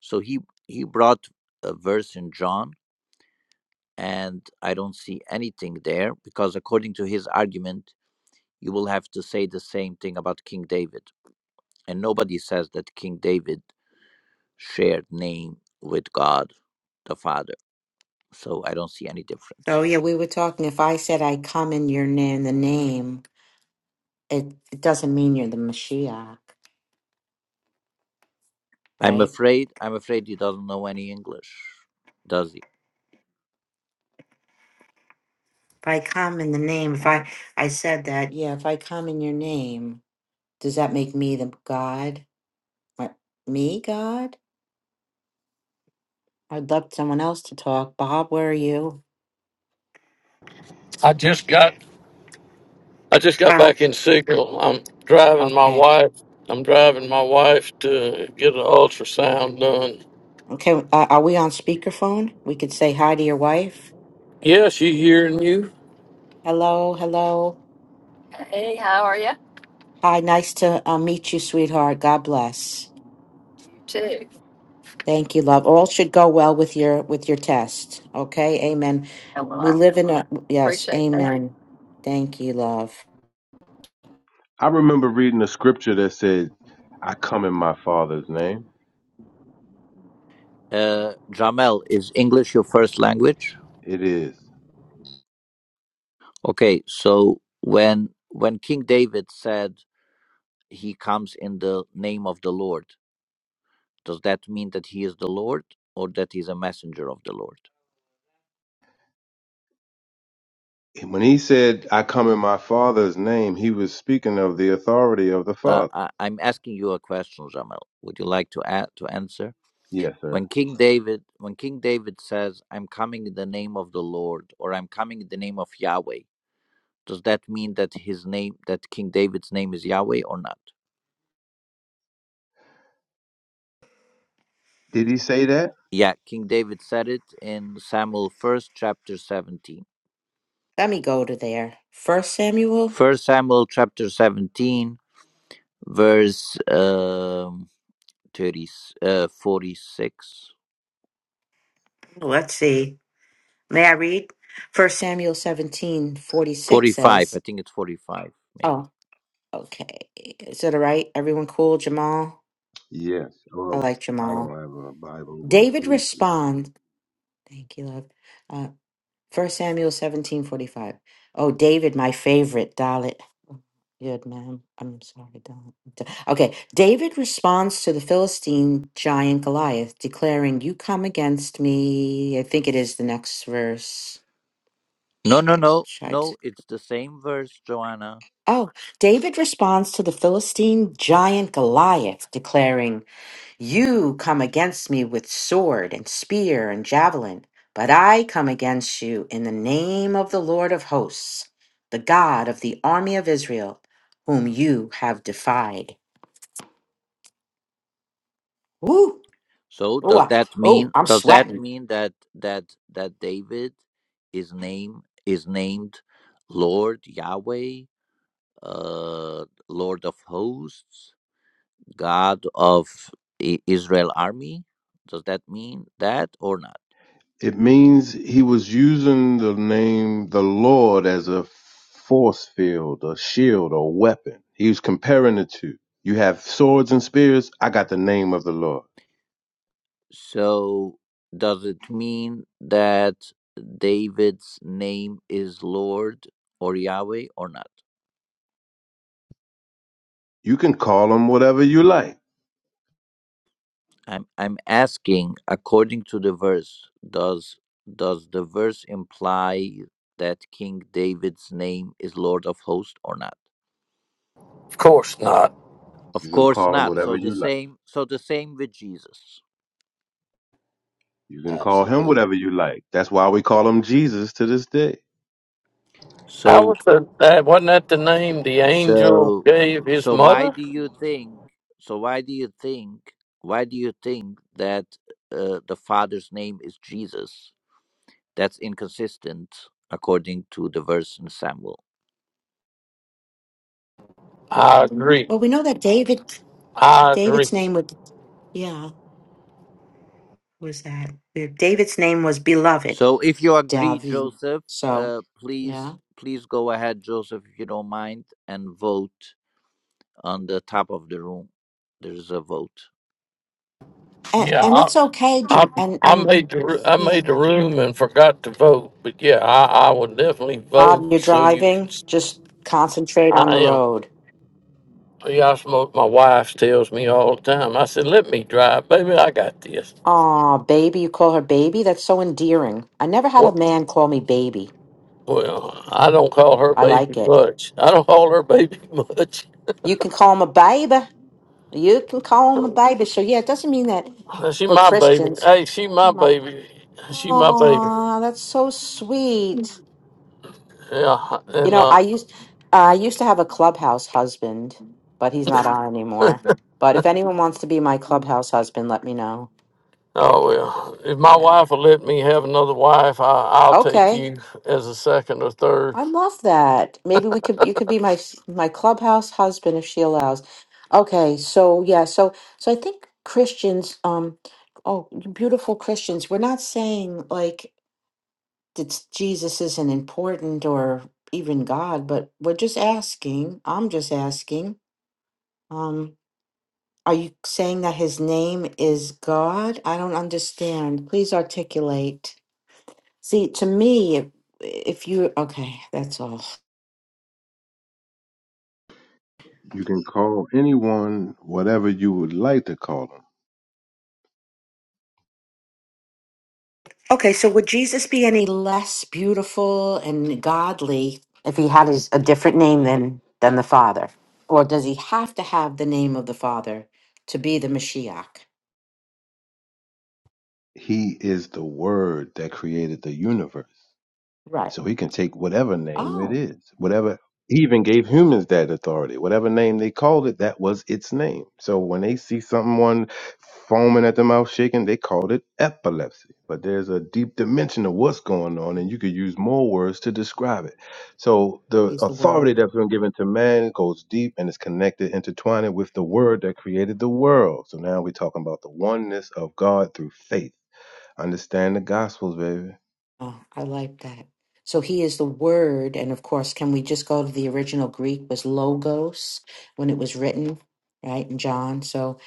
E: So he he brought a verse in John, and I don't see anything there because according to his argument, you will have to say the same thing about King David. And nobody says that King David shared name with God the Father. So I don't see any
D: Oh
E: difference.
D: yeah, we were talking. If I said I come in your name, the name. it, it doesn't mean you're the Mashiach,
E: I'm
D: right?
E: afraid I'm afraid he doesn't know any English, does he?
D: If I come in the name, if I I said that, yeah, if I come in your name, does that make me the God? What, me God? I'd love someone else to talk. Bob, where are you?
A: I just got I just got
D: Bob.
A: back in Signal. I'm driving my
D: Okay.
A: wife. I'm driving my wife to get an ultrasound done.
D: Okay. Uh, are we on speakerphone? We could say hi to your wife.
A: Yeah, she hearing you?
D: Hello. Hello.
A: Hey, how are you?
D: Hi. Nice to uh, meet you, sweetheart. God bless.
A: You too.
D: Thank you, love. All should go well with your with your test. Okay? Amen.
A: Oh, Well,
D: We
A: I
D: live in a yes,
A: appreciate that.
D: amen. Thank you, love.
B: I remember reading a scripture that said, I come in my father's name.
E: Uh Jamel, is English your first language?
B: It is.
E: Okay, so when when King David said he comes in the name of the Lord, Does that mean that he is the Lord or that he's a messenger of the Lord?
B: And when he said, I come in my father's name, he was speaking of the authority of the
E: Uh,
B: father.
E: I, I'm asking you a question, Jamal. Would you like to add, to answer?
B: Yes, sir.
E: When King David, when King David says, "I'm coming in the name of the Lord" or "I'm coming in the name of Yahweh," does that mean that his name, that King David's name is Yahweh or not?
B: Did he say that?
E: Yeah, King David said it in Samuel first chapter seventeen.
D: Let me go to there. First Samuel.
E: First Samuel chapter seventeen, verse um, 30, uh, forty six.
D: Let's see. May I read? First Samuel seventeen forty six
E: 45.
D: says,
E: I think it's 45, maybe.
D: Oh, okay. Is it all right? Everyone cool, Jamal?
B: Yes.
D: I
B: Well,
D: like
B: I don't
D: Jamal.
B: have a Bible, but
D: David
B: please.
D: responds. Thank you, love. Uh, First Samuel seventeen forty five. Oh, David, my favorite, Dalit. Oh, Good man. I'm sorry, Dalit. Da- Okay, David responds to the Philistine giant Goliath, declaring, "You come against me." I think it is the next verse.
E: No, no, no.
D: Should I just-
E: No, it's the same verse, Joanna.
D: Oh, David responds to the Philistine giant Goliath, declaring. You come against me with sword and spear and javelin, but I come against you in the name of the Lord of hosts, the God of the army of Israel, whom you have defied. Woo!
E: So
D: Oh,
E: does
D: I-
E: that
D: oh,
E: mean
D: I'm
E: does that
D: sweating.
E: mean that that that David is name is named Lord Yahweh, uh Lord of hosts, God of I- Israel army? Does that mean that or not?
B: It means he was using the name the Lord as a force field, a shield, or weapon. He was comparing the two. You have swords and spears. I got the name of the Lord.
E: So does it mean that David's name is Lord or Yahweh or not?
B: You can call him whatever you like.
E: I'm I'm asking according to the verse does does the verse imply that King David's name is Lord of Hosts or not?
A: Of course not.
B: You
E: Of
B: can
E: course
B: call him
E: not. So
B: whatever
C: No,
E: the
B: you like.
E: same so the same with Jesus.
B: You can call him
C: absolutely.
B: whatever you like. That's why we call him Jesus to this day.
A: How
E: So
A: was the, that? Wasn't that the name the angel
E: so
A: gave his
E: so why
A: mother?
E: do you think so why do you think why do you think that uh, the father's name is Jesus? That's inconsistent according to the verse in Samuel.
A: I agree.
D: Well, we know that David,
A: I agree.
D: David's name was, yeah, was that David's name was beloved,
E: So if you agree,
D: David.
E: Joseph,
D: So,
E: uh,
D: yeah,
E: please please go ahead, Joseph, if you don't mind, and vote on the top of the room. There's a vote.
D: and
A: Yeah,
D: and
A: I,
D: it's okay,
A: I,
D: Jam- and
A: I
D: and
A: made the ru- I made
D: yeah,
A: the room and forgot to vote, but yeah, I, I would definitely
D: Bob, you're
A: vote so you can.
D: driving.
A: s-
D: Just concentrate on
A: I
D: the
A: am.
D: road.
A: Yeah, I smoke. My wife tells me all the time. I said, "Let me drive, baby. I got this."
D: Aw, baby. You call her baby? That's so endearing. I never had a
A: What?
D: man call me baby.
A: Well, I don't call her
D: I
A: baby
D: like it.
A: much. I don't call her baby much.
D: You can call him a baby. You can call him a baby. So, yeah, it doesn't mean that
A: She
D: for
A: my baby.
D: Christians.
A: Hey, she my baby. She my baby.
D: Oh, that's so sweet.
A: Yeah,
D: You
A: and
D: know,
A: uh,
D: I used I used to have a clubhouse husband, but he's not on anymore. But if anyone wants to be my clubhouse husband, let me know.
A: oh well. If my
D: Yeah.
A: wife will let me have another wife, I, I'll take
D: Okay.
A: you as a second or third.
D: I love that. Maybe we could you could be my my clubhouse husband if she allows. Okay, so yeah, so so I think Christians um oh, beautiful Christians, we're not saying like that Jesus isn't important or even God, but we're just asking. I'm just asking. Um are you saying that his name is God? I don't understand. Please articulate. See, to me, if, if you okay, that's all.
B: You can call anyone whatever you would like to call him.
D: Okay, so would Jesus be any less beautiful and godly if he had his, a different name than than the Father? Or does he have to have the name of the Father to be the Mashiach?
B: He is the word that created the universe.
D: Right.
B: So he can take whatever name it
D: Oh,
B: is, whatever he even gave humans that authority. Whatever name they called it, that was its name. So when they see someone foaming at the mouth, shaking, they called it epilepsy. But there's a deep dimension of what's going on, and you could use more words to describe it. So the
D: he's the
B: authority
D: Word.
B: that's been given to man goes deep and is connected, intertwined with the word that created the world. So now we're talking about the oneness of God through faith Understand the gospels, baby.
D: Oh, I like that. So he is the Word, and of course, can we just go to the original Greek was logos when it was written, right? In John. So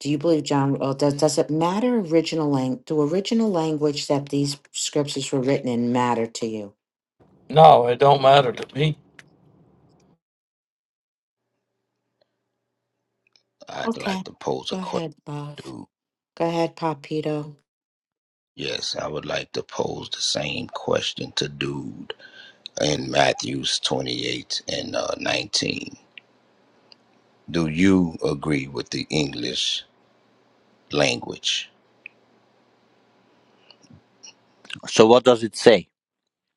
D: do you believe John? Well, does does it matter original language? Do original language that these scriptures were written in matter to you?
A: No, it don't matter to me.
C: I'd
D: Okay.
C: like to pose a
D: Go ahead, love.
C: question.
D: Go ahead, Papito.
C: Yes, I would like to pose the same question to Dude in Matthews 28 and uh, 19. Do you agree with the English language?
E: So what does it say?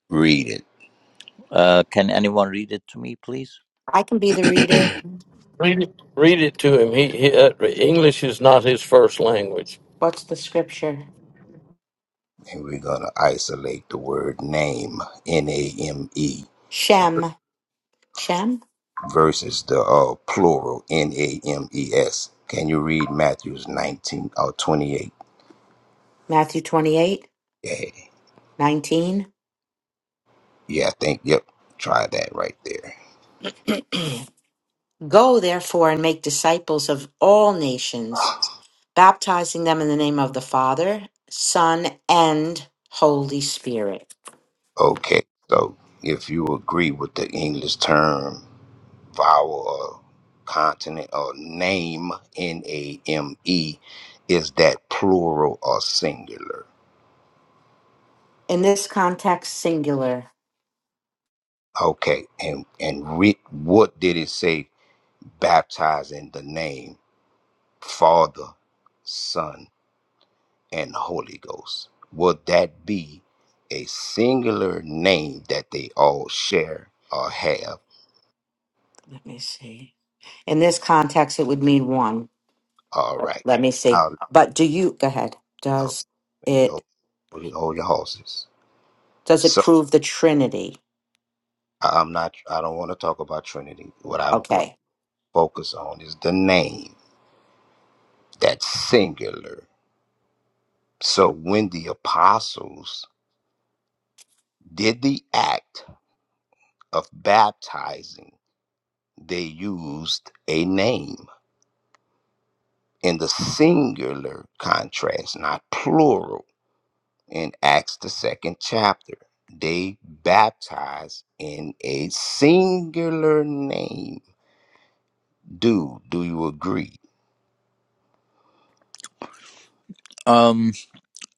C: Read it.
E: Uh, can anyone read it to me, please?
D: I can be the reader.
A: Read it. Read it to him. He, he uh, English is not his first language.
D: What's the scripture?
C: And we're going to isolate the word name, N A M E,
D: Shem. Shem?
C: versus the uh, plural, N A M E S. Can you read Matthews 19 or 28?
D: Matthew twenty-eight
C: Yeah.
D: nineteen.
C: yeah, I think, yep, try that right there.
D: Go therefore and make disciples of all nations, baptizing them in the name of the Father, Son, and Holy Spirit.
C: Okay, so if you agree with the English term, vowel or continent or name N A M E is that plural or singular?
D: In this context, singular.
C: Okay, and and re- what did it say? Baptize in the name Father, Son, and Holy Ghost. Would that be a singular name that they all share or have?
D: Let me see. In this context, it would mean one.
C: All
D: But
C: right.
D: let me see.
C: I'll,
D: But do you go ahead?
C: oh,
D: Does it?
C: hold, hold your horses.
D: Does it
C: So,
D: prove the Trinity?
C: I- I'm not. I don't want to talk about Trinity. What I'm what I
D: Okay.
C: focus on is the name. That's singular. So when the apostles did the act of baptizing, they used a name in the singular contrast, not plural. In Acts the second chapter, they baptized in a singular name. Do do you agree?
E: Um,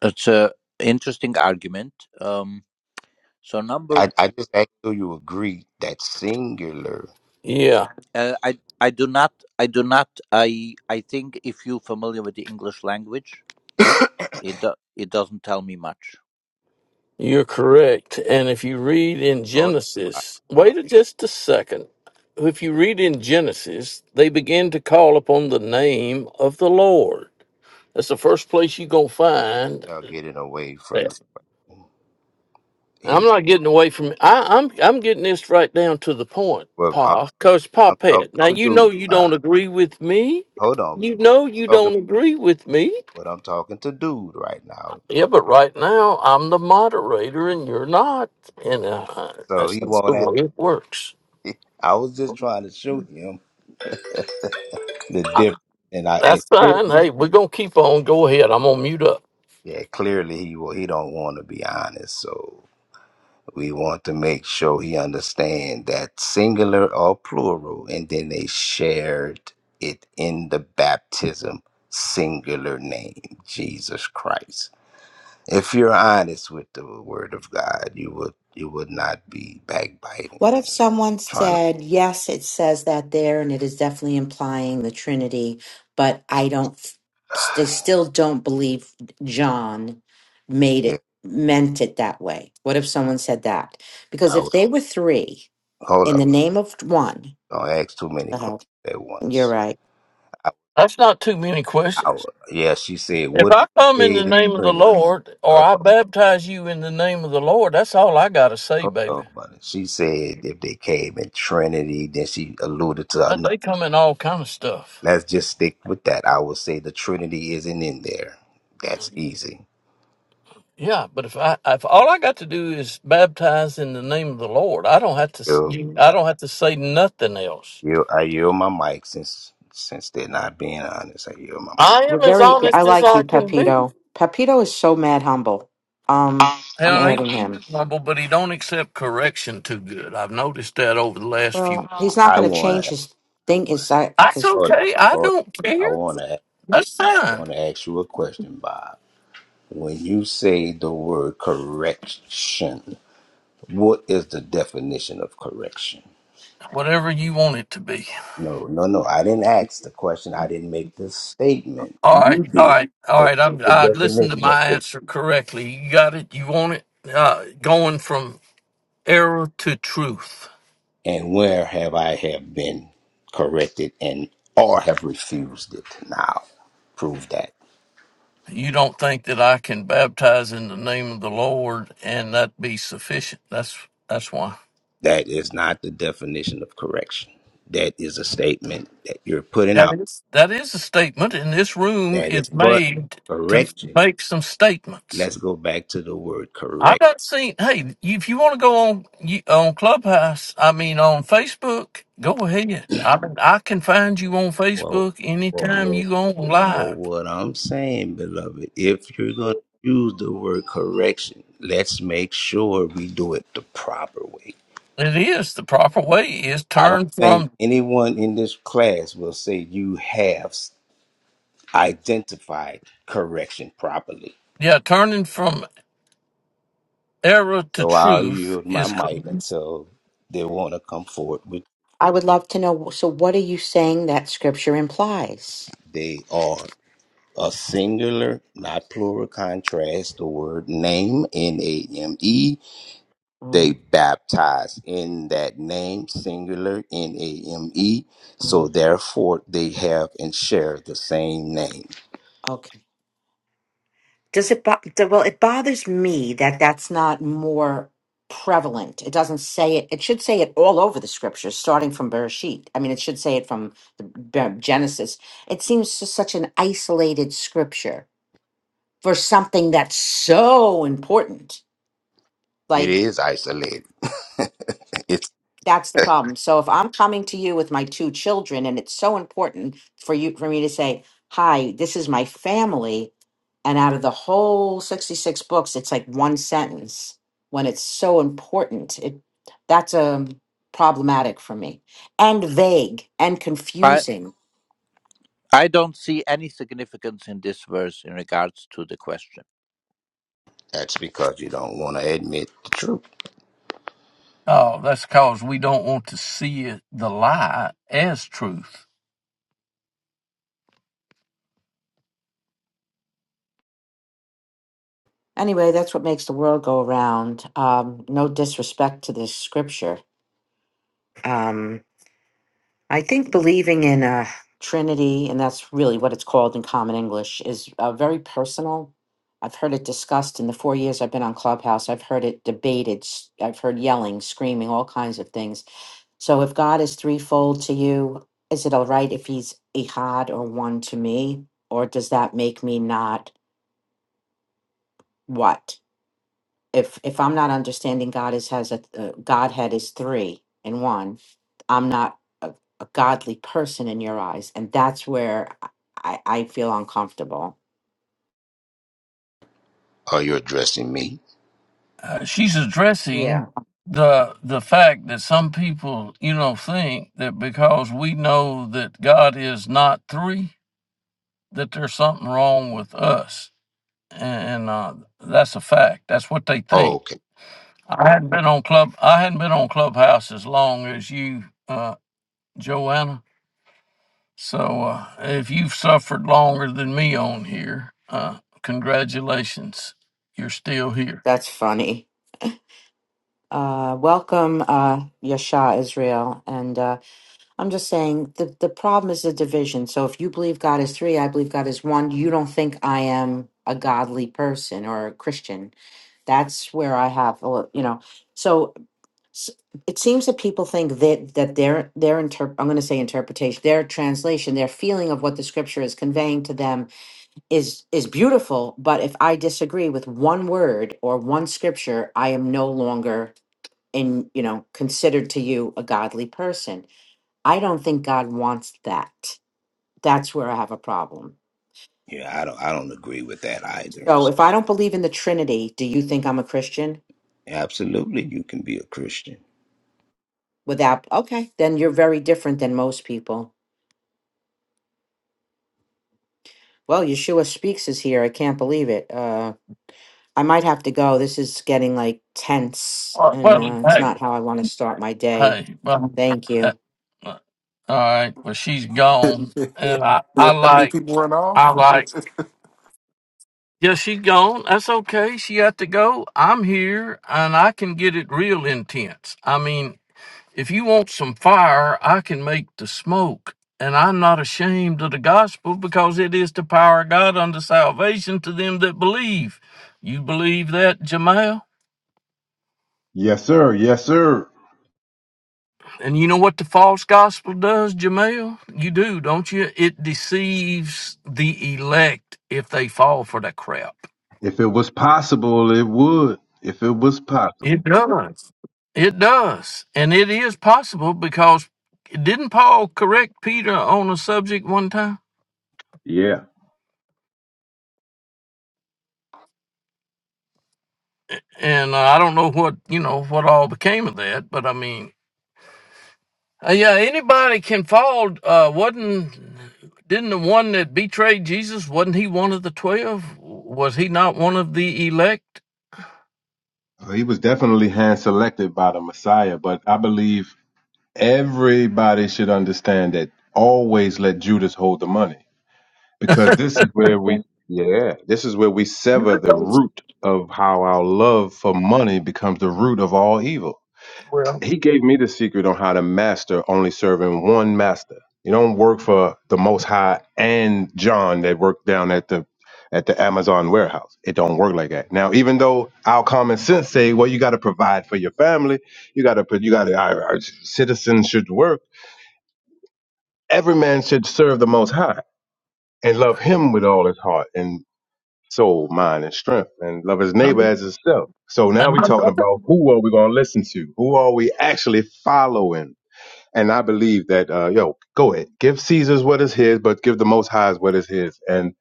E: it's a interesting argument. Um, so number,
C: I, I just asked you you agree that singular.
A: Yeah.
E: uh, I I do not I do not I I think if you're familiar with the English language, it do, it doesn't tell me much.
A: You're correct. And if you read in
C: Hold on,
A: Genesis,
C: hold on.
A: wait a just a second. If you read in Genesis, they begin to call upon the name of the Lord. That's the first place you're going to find.
C: Y'all getting away from the.
A: that. I'm
C: He,
A: not getting away from I, I'm, I'm getting this right down to the point,
C: well, I'm,
A: Pa. Because, Pa
C: I'm talking
A: Pet, now
C: to
A: you know
C: dude.
A: you
C: Uh,
A: don't agree with me.
C: hold on,
A: You
C: I'm
A: know you
C: talking,
A: don't agree with me.
C: but I'm talking to dude right now.
A: Yeah, but right now I'm the moderator and you're not. And uh,
C: So
A: that's
C: he
A: that's the
C: won't ask.
A: way it works.
C: I was just trying to show him the difference, and I, I
A: That's fine.
C: clearly,
A: Hey, we're gonna keep on. Go ahead. I'm gonna mute up.
C: yeah, clearly he will. He don't want to be honest, so. We want to make sure he understand that singular or plural, and then they shared it in the baptism singular name, Jesus Christ. If you're honest with the Word of God, you would you would not be
D: What
C: backbiting,
D: if
C: and
D: someone
C: trying to.
D: said, yes, it says that there and it is definitely implying the Trinity, but I don't, they still don't believe John made
C: Yeah,
D: it, meant it that way? What if someone said that? Because
C: I
D: if
C: would
D: they were three
C: hold
D: in
C: up.
D: the name of one,
C: Don't ask too many
D: uh
C: questions at
D: you're
C: once.
D: right.
C: I,
A: That's not too many
C: I
A: questions.
C: would- yeah, she said,
A: If
C: "What
A: I come in
C: is
A: the
C: it in
A: name of the
C: Trinity?"
A: Lord or I baptize you in the name of the Lord, that's all I gotta say,
C: Hold on,
A: baby.
C: buddy. She said if they came in Trinity, then she alluded to
A: Uh,
C: another.
A: They come in all kind of stuff.
C: Let's just stick with that. I will say the Trinity isn't in there. That's easy.
A: Yeah, but if I if all I got to do is baptize in the name of the Lord, I don't have to s-
C: You,
A: you- I
C: I,
A: don't have to say nothing else.
C: you, I yield my mic since since they're not being honest. I yield my mic.
D: You're very, I like you, Pepito. Pepito is so mad humble. Um,
A: And
D: I'm
A: I ain't
D: adding him.
A: humble, but he don't accept correction too good. I've noticed that over the last few.
D: Well, he's
A: months.
D: not
C: I
D: going to
C: want
D: change
C: to
D: his thing. Is that
A: That's
D: his?
C: hold up,
A: okay. I
C: hold up.
A: don't care.
C: I want to
A: That's fine.
C: want to ask you a question, Bob. When you say the word correction, what is the definition of correction?
A: Whatever you want it to be.
C: No, no, no. I didn't ask the question. I didn't make the statement.
A: All right.
C: You
A: All
C: did.
A: right. All
C: So
A: right. I'm.
C: what's the
A: I listened to
C: definition of
A: my
C: correct?
A: answer correctly. You got it. You want it. Uh, going from error to truth.
C: And where have I have been corrected and or have refused it? Now, prove that.
A: You don't think that I can baptize in the name of the Lord and that be sufficient? That's that's why.
C: That is not the definition of correction. That is a statement that you're putting
A: That
C: out.
A: is that is a statement, and this room
C: That is,
A: is
C: but
A: made to
C: correction.
A: make some statements.
C: Let's go back to the word correct.
A: I've not seen. Hey, if you want to go on you- on Clubhouse, I mean on Facebook, go ahead. I mean, I can find you on
C: Well,
A: Facebook
C: well,
A: anytime
C: well,
A: you go on
C: well,
A: live.
C: what I'm saying, beloved, if you're going to use the word correction, let's make sure we do it the proper way.
A: It is the proper way. Is
C: I don't
A: turn
C: think
A: from
C: anyone in this class will say you have identified correction properly.
A: yeah, turning from error to
C: So I'll
A: truth
C: yield my
A: is.
C: mic
A: correct.
C: until they want to come forward with
D: I would love to know. So, what are you saying that scripture implies?
C: they are a singular, not plural contrast, the word name, N A M E, they
D: mm
C: baptize in that name, singular, N A M E. So
D: mm,
C: therefore, they have and share the same name.
D: Okay. Does it? Bo- d- well, it bothers me that that's not more prevalent. It doesn't say it. It should say it all over the scriptures, starting from Bereshit. I mean, it should say it from the, Be- Genesis. It seems to such an isolated scripture for something that's so important.
C: It
D: like.
C: is isolated. it's
D: That's the problem. So if I'm coming to you with my two children and it's so important for you for me to say, "Hi, this is my family," and out of the whole 66 books, it's like one sentence when it's so important. It that's um problematic for me and vague and confusing.
E: I don't see any significance in this verse in regards to the question.
C: that's because you don't want to admit the truth,
A: Oh, that's because we don't want to see it, the lie as truth.
D: Anyway, that's what makes the world go around. Um, no disrespect to this scripture. Um, I think believing in a Trinity, and that's really what it's called in common English, is uh, very personal. I've heard it discussed in the four years I've been on Clubhouse. I've heard it debated. s- I've heard yelling, screaming, all kinds of things. So if God is threefold to you, is it all right if he's ihad or one to me? Or does that make me not what? if if I'm not understanding God is has a uh, Godhead is three in one, I'm not a, a godly person in your eyes, and that's where I I feel uncomfortable.
C: or you're addressing me.
A: uh, she's
D: Yeah.
A: addressing the the fact that some people, you know, think that because we know that God is not three, that there's something wrong with us, and uh, that's a fact. That's what they
C: Oh,
A: think.
C: okay.
A: I hadn't been on club. I hadn't been on Clubhouse as long as you, uh, Joanna. So uh, if you've suffered longer than me on here, uh, congratulations, you're still here.
D: That's funny. Uh, welcome, uh, Yasha Israel, and uh, I'm just saying the the problem is the division. So if you believe God is three, I believe God is one. You don't think I am a godly person or a Christian. That's where I have a lit- you know. So s- it seems that people think that that their their interp- I'm going to say interpretation, their translation, their feeling of what the scripture is conveying to them is is beautiful. But if I disagree with one word or one scripture, I am no longer in you know considered to you a godly person. I don't think God wants that. That's where I have a problem.
C: Yeah, I don't. I don't agree with that either.
D: So
C: So
D: if I don't believe in the Trinity, do you think I'm a Christian?
C: absolutely, you can be a Christian.
D: Without okay, then you're very different than most people Well, Yeshua Speaks is here. I can't believe it. Uh, I might have to go. This is getting like tense,
A: Well,
D: and
A: well,
D: uh, it's
A: hey,
D: not how I want to start my day.
A: Hey, well,
D: Thank
A: uh,
D: you.
A: uh, all right. Well, she's gone,
F: Did
A: and I, I
F: that make
A: like,
F: people run
A: I
F: off?
A: like. Yeah, she's gone. That's okay. She got to go. I'm here, and I can get it real intense. I mean, if you want some fire, I can make the smoke. And I'm not ashamed of the gospel because it is the power of God unto salvation to them that believe. You believe that, Jamal?
B: Yes, sir. Yes, sir.
A: And you know what the false gospel does, Jamel? You do, don't you? It deceives the elect if they fall for that crap.
B: If it was possible, it would. If it was possible.
A: It does. It does. And it is possible because didn't Paul correct Peter on a subject one time?
B: Yeah.
A: And uh, I don't know what, you know, what all became of that, but I mean, uh, yeah, anybody can fall. Uh, wasn't, didn't the one that betrayed Jesus, wasn't he one of the 12? Was he not one of the elect?
B: So He was definitely hand selected by the Messiah, but I believe everybody should understand that always let Judas hold the money because this is where we, yeah, this is where we sever the root of how our love for money becomes the root of all evil. he gave me the secret on how to master only serving one master. You don't work for the Most High and John that worked down at the at the Amazon warehouse. It don't work like that. Now, even though our common sense say, well, you got to provide for your family, you got to put, you got to, our, our citizens should work. Every man should serve the Most High and love Him with all his heart and soul, mind, and strength, and love his neighbor as himself. So now
A: And
B: we're talking about who are we going to listen to? Who are we actually following? And I believe that, uh, yo, go ahead, give Caesar's what is his, but give the Most High's what is his. And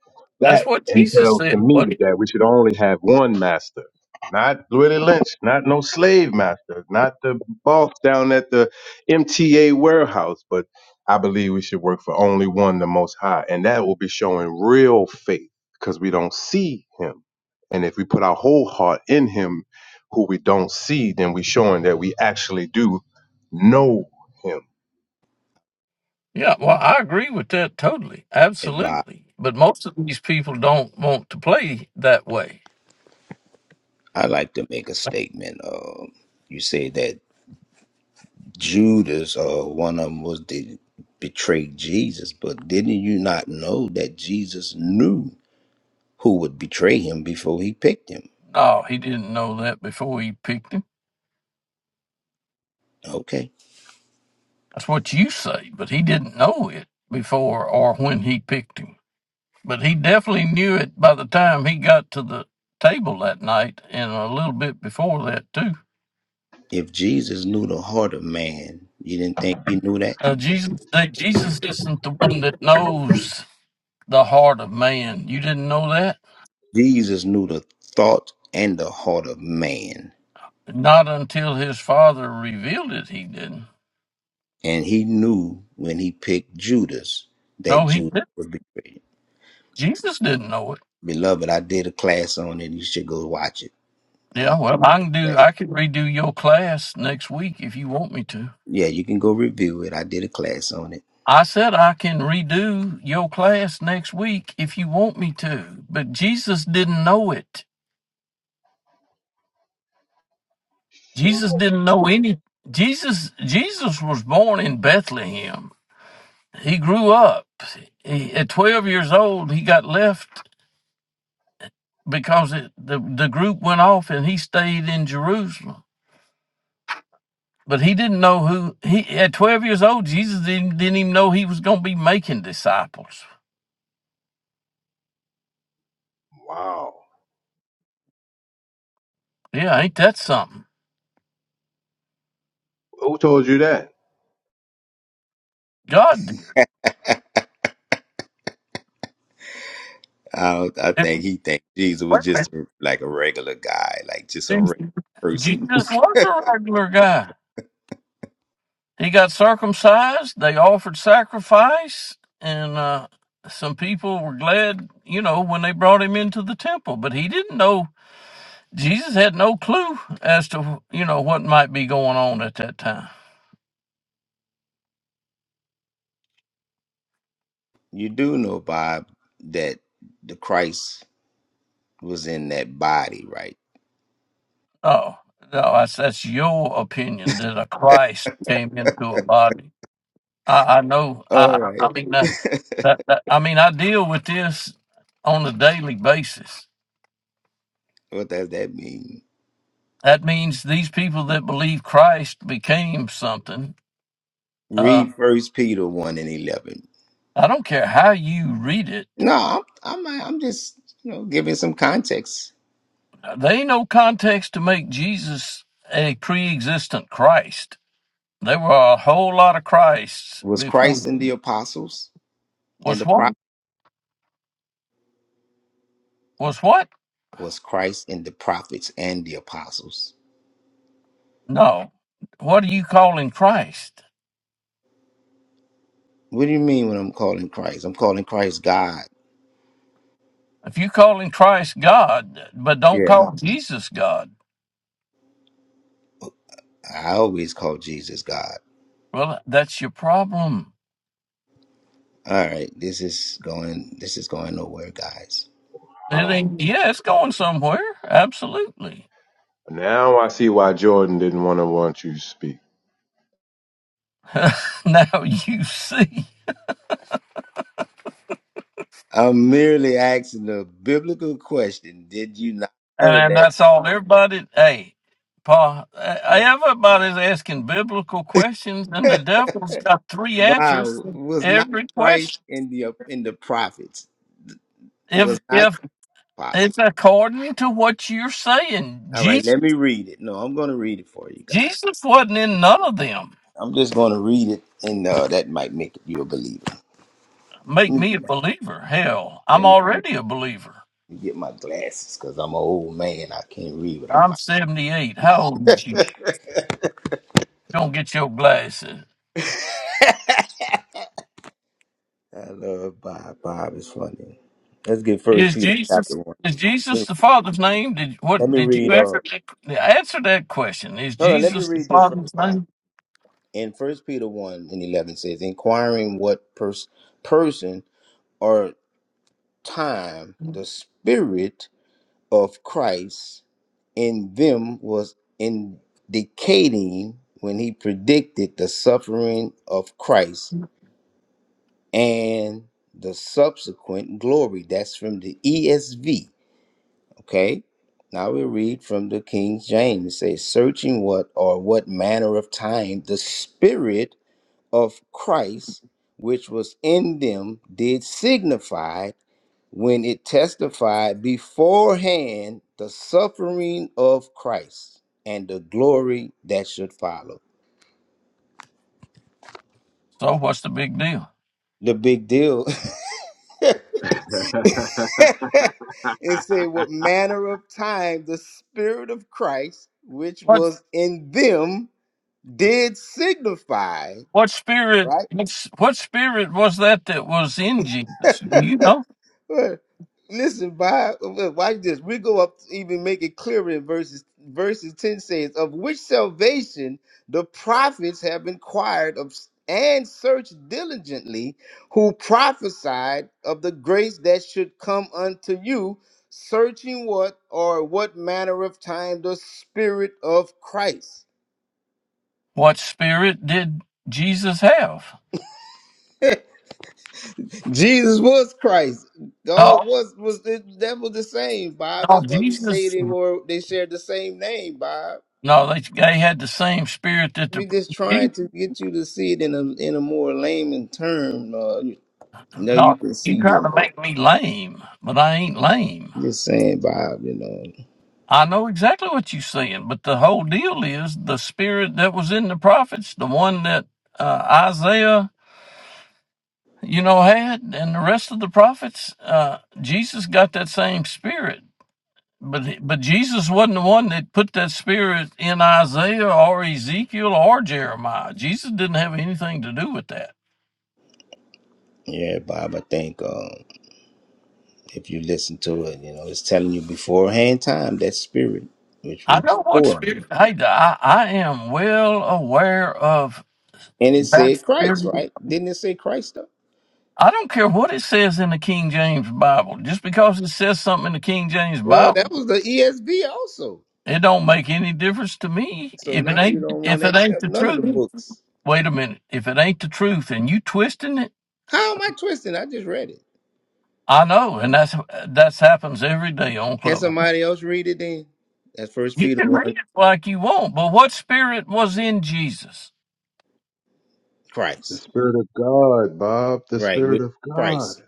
A: that's
B: that
A: what Jesus
B: entails to
A: said,
B: me
A: buddy.
B: that we should only have one master, not Willie Lynch, not no slave master, not the boss down at the MTA warehouse, but I believe we should work for only one, the Most High. And that will be showing real faith because we don't see him. And if we put our whole heart in him, who we don't see, then we showing that we actually do know him
A: Yeah, well, I agree with that totally.
C: And Bob,
A: Absolutely. But most of these people don't want to play that way.
C: I like to make a statement. Uh, you say that. Judas, uh, one of them was did betray Jesus, but didn't you not know that Jesus knew who would betray him before he picked him?
A: No, he didn't know that before he picked him.
C: Okay.
A: That's what you say, but he didn't know it before or when he picked him. But he definitely knew it by the time he got to the table that night and a little bit before that, too.
C: If Jesus knew the heart of man, you didn't think he knew that?
A: Uh, Jesus, that Jesus isn't the one that knows the heart of man. You didn't know that?
C: Jesus knew the thought and the heart of man.
A: Not until his father revealed it, he didn't.
C: And he knew when he picked Judas that
A: No, he
C: Judas
A: didn't.
C: would betray him.
A: Jesus didn't know it.
C: Beloved, I did a class on it. You should go watch it. Um,
A: Yeah, well, I can do.
C: but
A: I can redo your class next week if you want me to.
C: yeah, you can go review it. I did a class on it
A: I said I can redo your class next week if you want me to, but Jesus didn't know it. Jesus didn't know any. Jesus Jesus was born in Bethlehem. He grew up. He, at 12 years old, he got left because it, the the group went off, and he stayed in Jerusalem. But he didn't know who he. At 12 years old, Jesus didn't, didn't even know he was going to be making disciples.
B: Wow.
A: Yeah, ain't that something?
B: Who told you that?
A: God,
C: I, don't- I
A: wait
C: think he think Jesus was
A: a
C: just like a regular guy, like just a regular
A: minute.
C: person.
A: Jesus was a regular guy. He got circumcised. They offered sacrifice, and uh, some people were glad, you know, when they brought him into the temple. But he didn't know. Jesus had no clue as to, you know, what might be going on at that time.
C: You do know, Bob, that the Christ was in that body, right?
A: Oh, no, that's, that's your opinion that a Christ came into a body. I, I know.
C: All
A: I, I
C: right.
A: mean, uh, that, that, I mean, I deal with this on a daily basis.
C: what does that mean?
A: That means these people that believe Christ became something. uh,
C: Read First Peter one and eleven.
A: I don't care how you read it.
C: No, I'm, I'm I'm just you know giving some context.
A: There ain't no context to make Jesus a pre-existent Christ. There were a whole lot of Christs
C: Was
A: before.
C: Christ in the apostles and
A: Was
C: the
A: what?
C: prophets?
A: Was what?
C: Was Christ in the prophets and the apostles?
A: No. What are you calling Christ?
C: What do you mean when I'm calling Christ? I'm calling Christ God.
A: If you calling Christ God, but don't
C: Yeah.
A: call Jesus God,
C: I always call Jesus God.
A: well, that's your problem.
C: All right, this is going this is going nowhere, guys.
A: It
B: Oh.
A: ain't. Yeah, it's going somewhere. Absolutely.
B: Now I see why Jordan didn't want to want you to speak.
A: now you see.
C: I'm merely asking a biblical question. Did you not know
A: And
C: that?
A: that's all. Everybody, hey, Paul, eh, everybody's asking biblical questions, and the
C: Yeah.
A: devil's got three answers
C: wow,
A: to
C: was not
A: every
C: Christ
A: question.
C: in the in the prophets?
A: If
C: Was not
A: if
C: Christ apostle?
A: it's according to what you're saying,
C: All right,
A: Jesus,
C: let me read it. No, I'm going to read it for you guys.
A: Jesus wasn't in none of them.
C: I'm just going to read it, and uh, that might make you a believer.
A: Make
C: Let me
A: me a
C: get my
A: believer. Hell,
C: let
A: I'm already a believer.
C: me get my glasses because I'm an old man. I can't read without
A: I'm 78. How old is you?
C: my.
A: Don't get your glasses.
C: I love Bob. Bob is funny. Let's get First
A: Is
C: Peter
A: Jesus
C: chapter one.
A: is
C: Let
A: Jesus the
C: me
A: Father's name? Did
C: let
A: what
C: me
A: did you
C: read. Uh,
A: answer that, answer that question? Is
C: hold on. Let me
A: Jesus the
C: read this
A: Father's
C: first, Bob.
A: name?
C: In First Peter one and eleven says, "Inquiring what pers- person or time the Spirit of Christ in them was indicating when he predicted the suffering of Christ and the subsequent glory." That's from the ESV Okay. Now we read from the King James. It says, searching what or what manner of time the Spirit of Christ, which was in them, did signify when it testified beforehand the suffering of Christ and the glory that should follow.
A: So what's the big deal?
C: The big deal. it said, what manner of time the Spirit of Christ, which
A: What
C: was in them, did signify
A: what spirit
C: right?
A: what's- what spirit was that that was in Jesus? You know.
C: Well, Listen, Bob, well, watch this. We go up to even make it clearer in verses verses 10 says, of which salvation the prophets have inquired of and searched diligently who prophesied of the grace that should come unto you, searching what or what manner of time the spirit of Christ.
A: What spirit did Jesus have?
C: Jesus was Christ. God
A: No,
C: was was that was the same, Bob.
A: no,
C: That's why we say
A: Jesus.
C: they were they shared the same name, Bob.
A: No, they they had the same spirit that
C: We just
A: the
C: trying to get you to see it in a in a more layman term. Uh, you know, you
A: No,
C: can
A: you
C: see
A: trying
C: it.
A: to make me lame, but I ain't lame.
C: Just saying, Bob. You know,
A: I know exactly what you're saying, but the whole deal is the spirit that was in the prophets, the one that uh, Isaiah, you know, had, and the rest of the prophets. Uh, Jesus got that same spirit, but but Jesus wasn't the one that put that spirit in Isaiah or Ezekiel or Jeremiah. Jesus didn't have anything to do with that.
C: yeah, Bob. I think um, if you listen to it, you know, it's telling you beforehand time that spirit which was
A: I know what
C: before,
A: spirit. Hey, I, I am well aware of
C: and it said
A: That's
C: Christ,
A: every-
C: right? Didn't it say Christ? Though?
A: I don't care what it says in the King James Bible. Just because it says something in the King James
C: Well, that
A: Bible,
C: was the ESV also.
A: it don't make any difference to me.
C: So
A: If it
C: now you
A: ain't
C: don't want
A: if
C: to
A: it ain't
C: accept
A: the
C: none of the
A: truth.
C: books.
A: Wait a minute. If it ain't the truth and you twisting it,
C: How am I twisting? I just read it.
A: I know, and that's that's happens every day on
C: Can
A: Clubhouse.
C: somebody else read it then? That's First
A: You
C: Peter
A: can
C: one.
A: read it like you want, but what spirit was in Jesus?
B: The
C: Christ,
B: Spirit of God, Bob. The
C: right?
B: Spirit
C: With
B: of God.
C: Christ,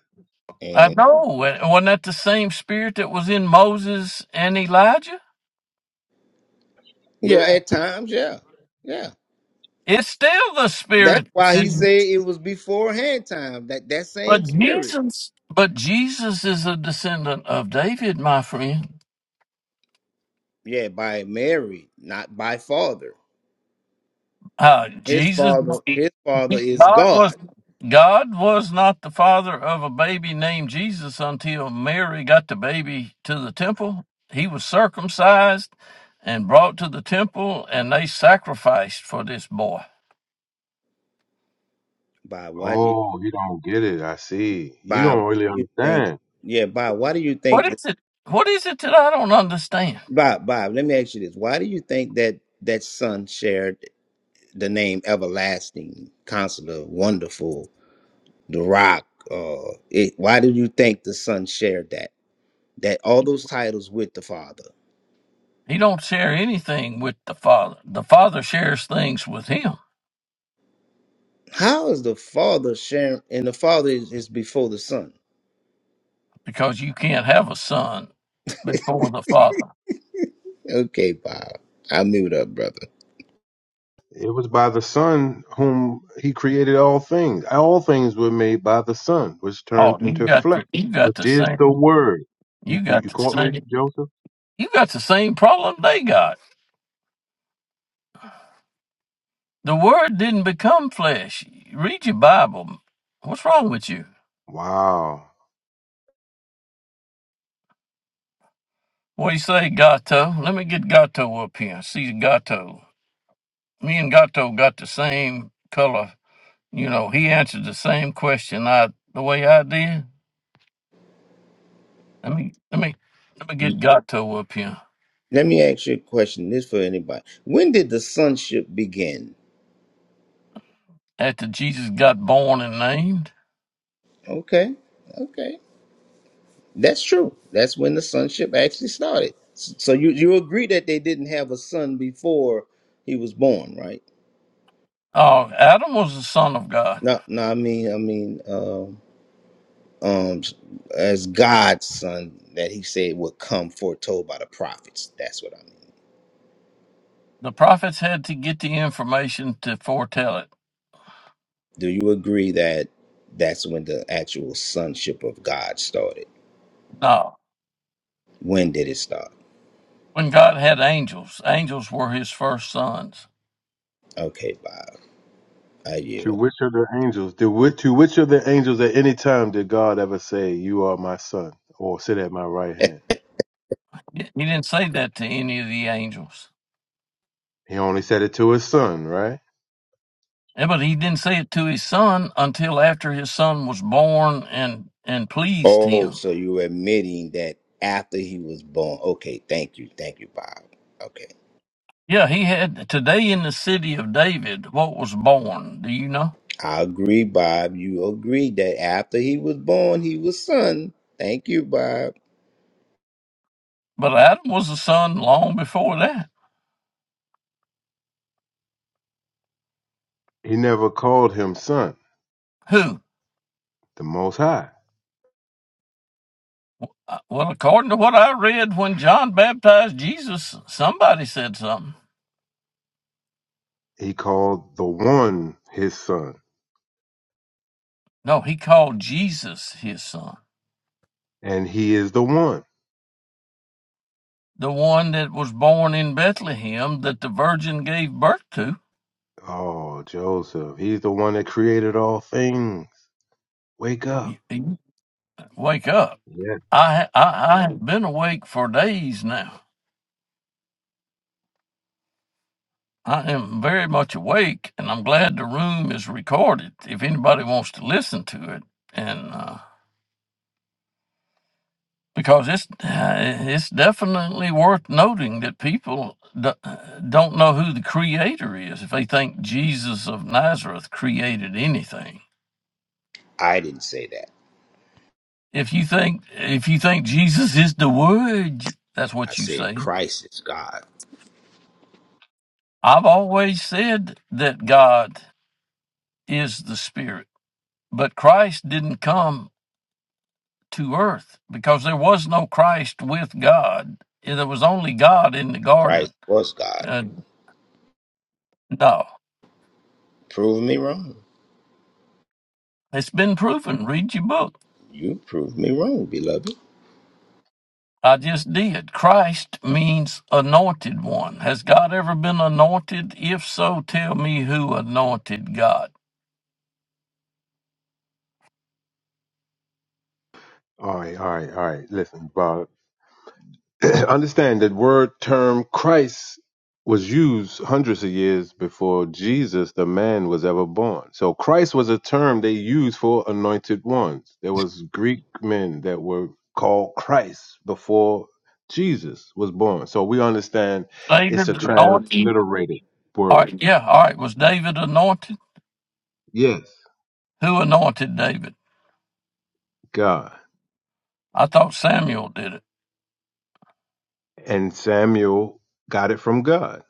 A: I
C: and
A: know. It- Wasn't that the same spirit that was in Moses and Elijah?
B: Yeah.
C: yeah, at times, yeah, yeah.
A: It's still the
C: That's
A: spirit.
C: why he said it was beforehand time. That that
A: But
C: same spirit,
A: Jesus, but Jesus is a descendant of David, my friend.
C: yeah, by Mary, not by father.
A: Uh,
C: His
A: Jesus,
C: father, his father is
A: God was
C: God.
A: God was not the father of a baby named Jesus until Mary got the baby to the temple. He was circumcised and brought to the temple, and they sacrificed for this boy.
C: By why do you
B: Oh, you don't get it. I see. You
C: by why do
B: don't really
C: you think?
B: understand.
C: Yeah, by why do you
A: What
C: think
A: is it? What is it that I don't understand?
C: Bob, Bob, let me ask you this. Why do you think that that son shared the name Everlasting, Counselor, Wonderful, The Rock? Uh, it, why do you think the son shared that? That all those titles with the father?
A: He don't share anything with the father. The father shares things with him
C: How is the father sharing? And the father is, is before the son.
A: because you can't have a son before the father.
C: Okay, Bob, I'll mute up, brother.
B: It was by the Son whom he created all things. All things were made by the Son, which
A: Oh,
B: turned
A: you
B: into
A: got
B: flesh,
A: the you got
B: which
A: the
B: is
A: same
B: the Word.
A: you
B: You you,
A: got
B: you
A: the
B: caught me,
A: same
B: Joseph?
A: you got the same problem they got. The word didn't become flesh. Read your Bible. What's wrong with you?
B: Wow.
A: What do you say, Gato? Let me get Gato up here. See Gato. Me and Gato got the same color. You know, he answered the same question I the way I did. Let me let me let me get Gato up here.
C: Let me ask you a question. This for anybody. When did the sonship begin?
A: After Jesus got born and named.
C: Okay, okay. That's true. That's when the sonship actually started. S- So you you agree that they didn't have a son before he was born, right?
A: Oh, Adam was the son of God.
C: No, no. I mean, I mean, um, um, as God's son that He said would come foretold by the prophets. That's what I mean.
A: The prophets had to get the information to foretell it.
C: Do you agree that that's when the actual sonship of God started?
A: No.
C: When did it start?
A: When God had angels, angels were his first sons.
C: Okay, Bob, I
B: To
C: yield.
B: which of the angels did which, to which of the angels at any time did God ever say, You are my son, or sit at my right hand?
A: He didn't say that to any of the angels.
B: He only said it to his son, right?
A: Yeah, but he didn't say it to his son until after his son was born and, and pleased
C: Oh,
A: him.
C: so you're admitting that after he was born? Okay, thank you, thank you, Bob. Okay.
A: Yeah, he had today in the city of David what was born. Do you know?
C: I agree, Bob. You agree that after he was born, he was son. Thank you, Bob.
A: But Adam was a son long before that.
B: He never called him son,
A: Who?
B: the most high.
A: Uh, Well, according to what I read, when John baptized Jesus, somebody said something.
B: He called the one his son,
A: No, he called Jesus his son,
B: and he is the one.
A: the one that was born in Bethlehem that the virgin gave birth to.
B: Oh, Joseph. He's the one that created all things. Wake
A: You-
B: up.
A: you Wake up.
B: Yeah.
A: I, I, I have been awake for days now. I am very much awake, and I'm glad the room is recorded if anybody wants to listen to it. And uh, because it's uh, it's definitely worth noting that people do, don't know who the creator is if they think Jesus of Nazareth created anything.
C: I didn't say that.
A: If you think if you think Jesus is the word, that's
C: I
A: what you
C: said
A: say.
C: Christ is God.
A: I've always said that God is the spirit, but Christ didn't come to earth because there was no Christ with God. There was only God in the garden.
C: Christ was God.
A: Uh, no,
C: Prove me wrong.
A: it's been proven. Read your book.
C: You prove me wrong, beloved.
A: I just did. Christ means anointed one. Has God ever been anointed? If so, tell me who anointed God.
B: All right, all right, all right. Listen, bro. Understand that word term Christ was used hundreds of years before Jesus, the man, was ever born. So Christ was a term they used for anointed ones. There was Greek men that were called Christ before Jesus was born. So we understand it's a
A: David anointed?
B: transliterated
A: All
B: word.
A: right, yeah, all right. Was David anointed?
B: Yes,
A: Who anointed David?
B: God.
A: I thought Samuel did it.
B: and Samuel got it from God.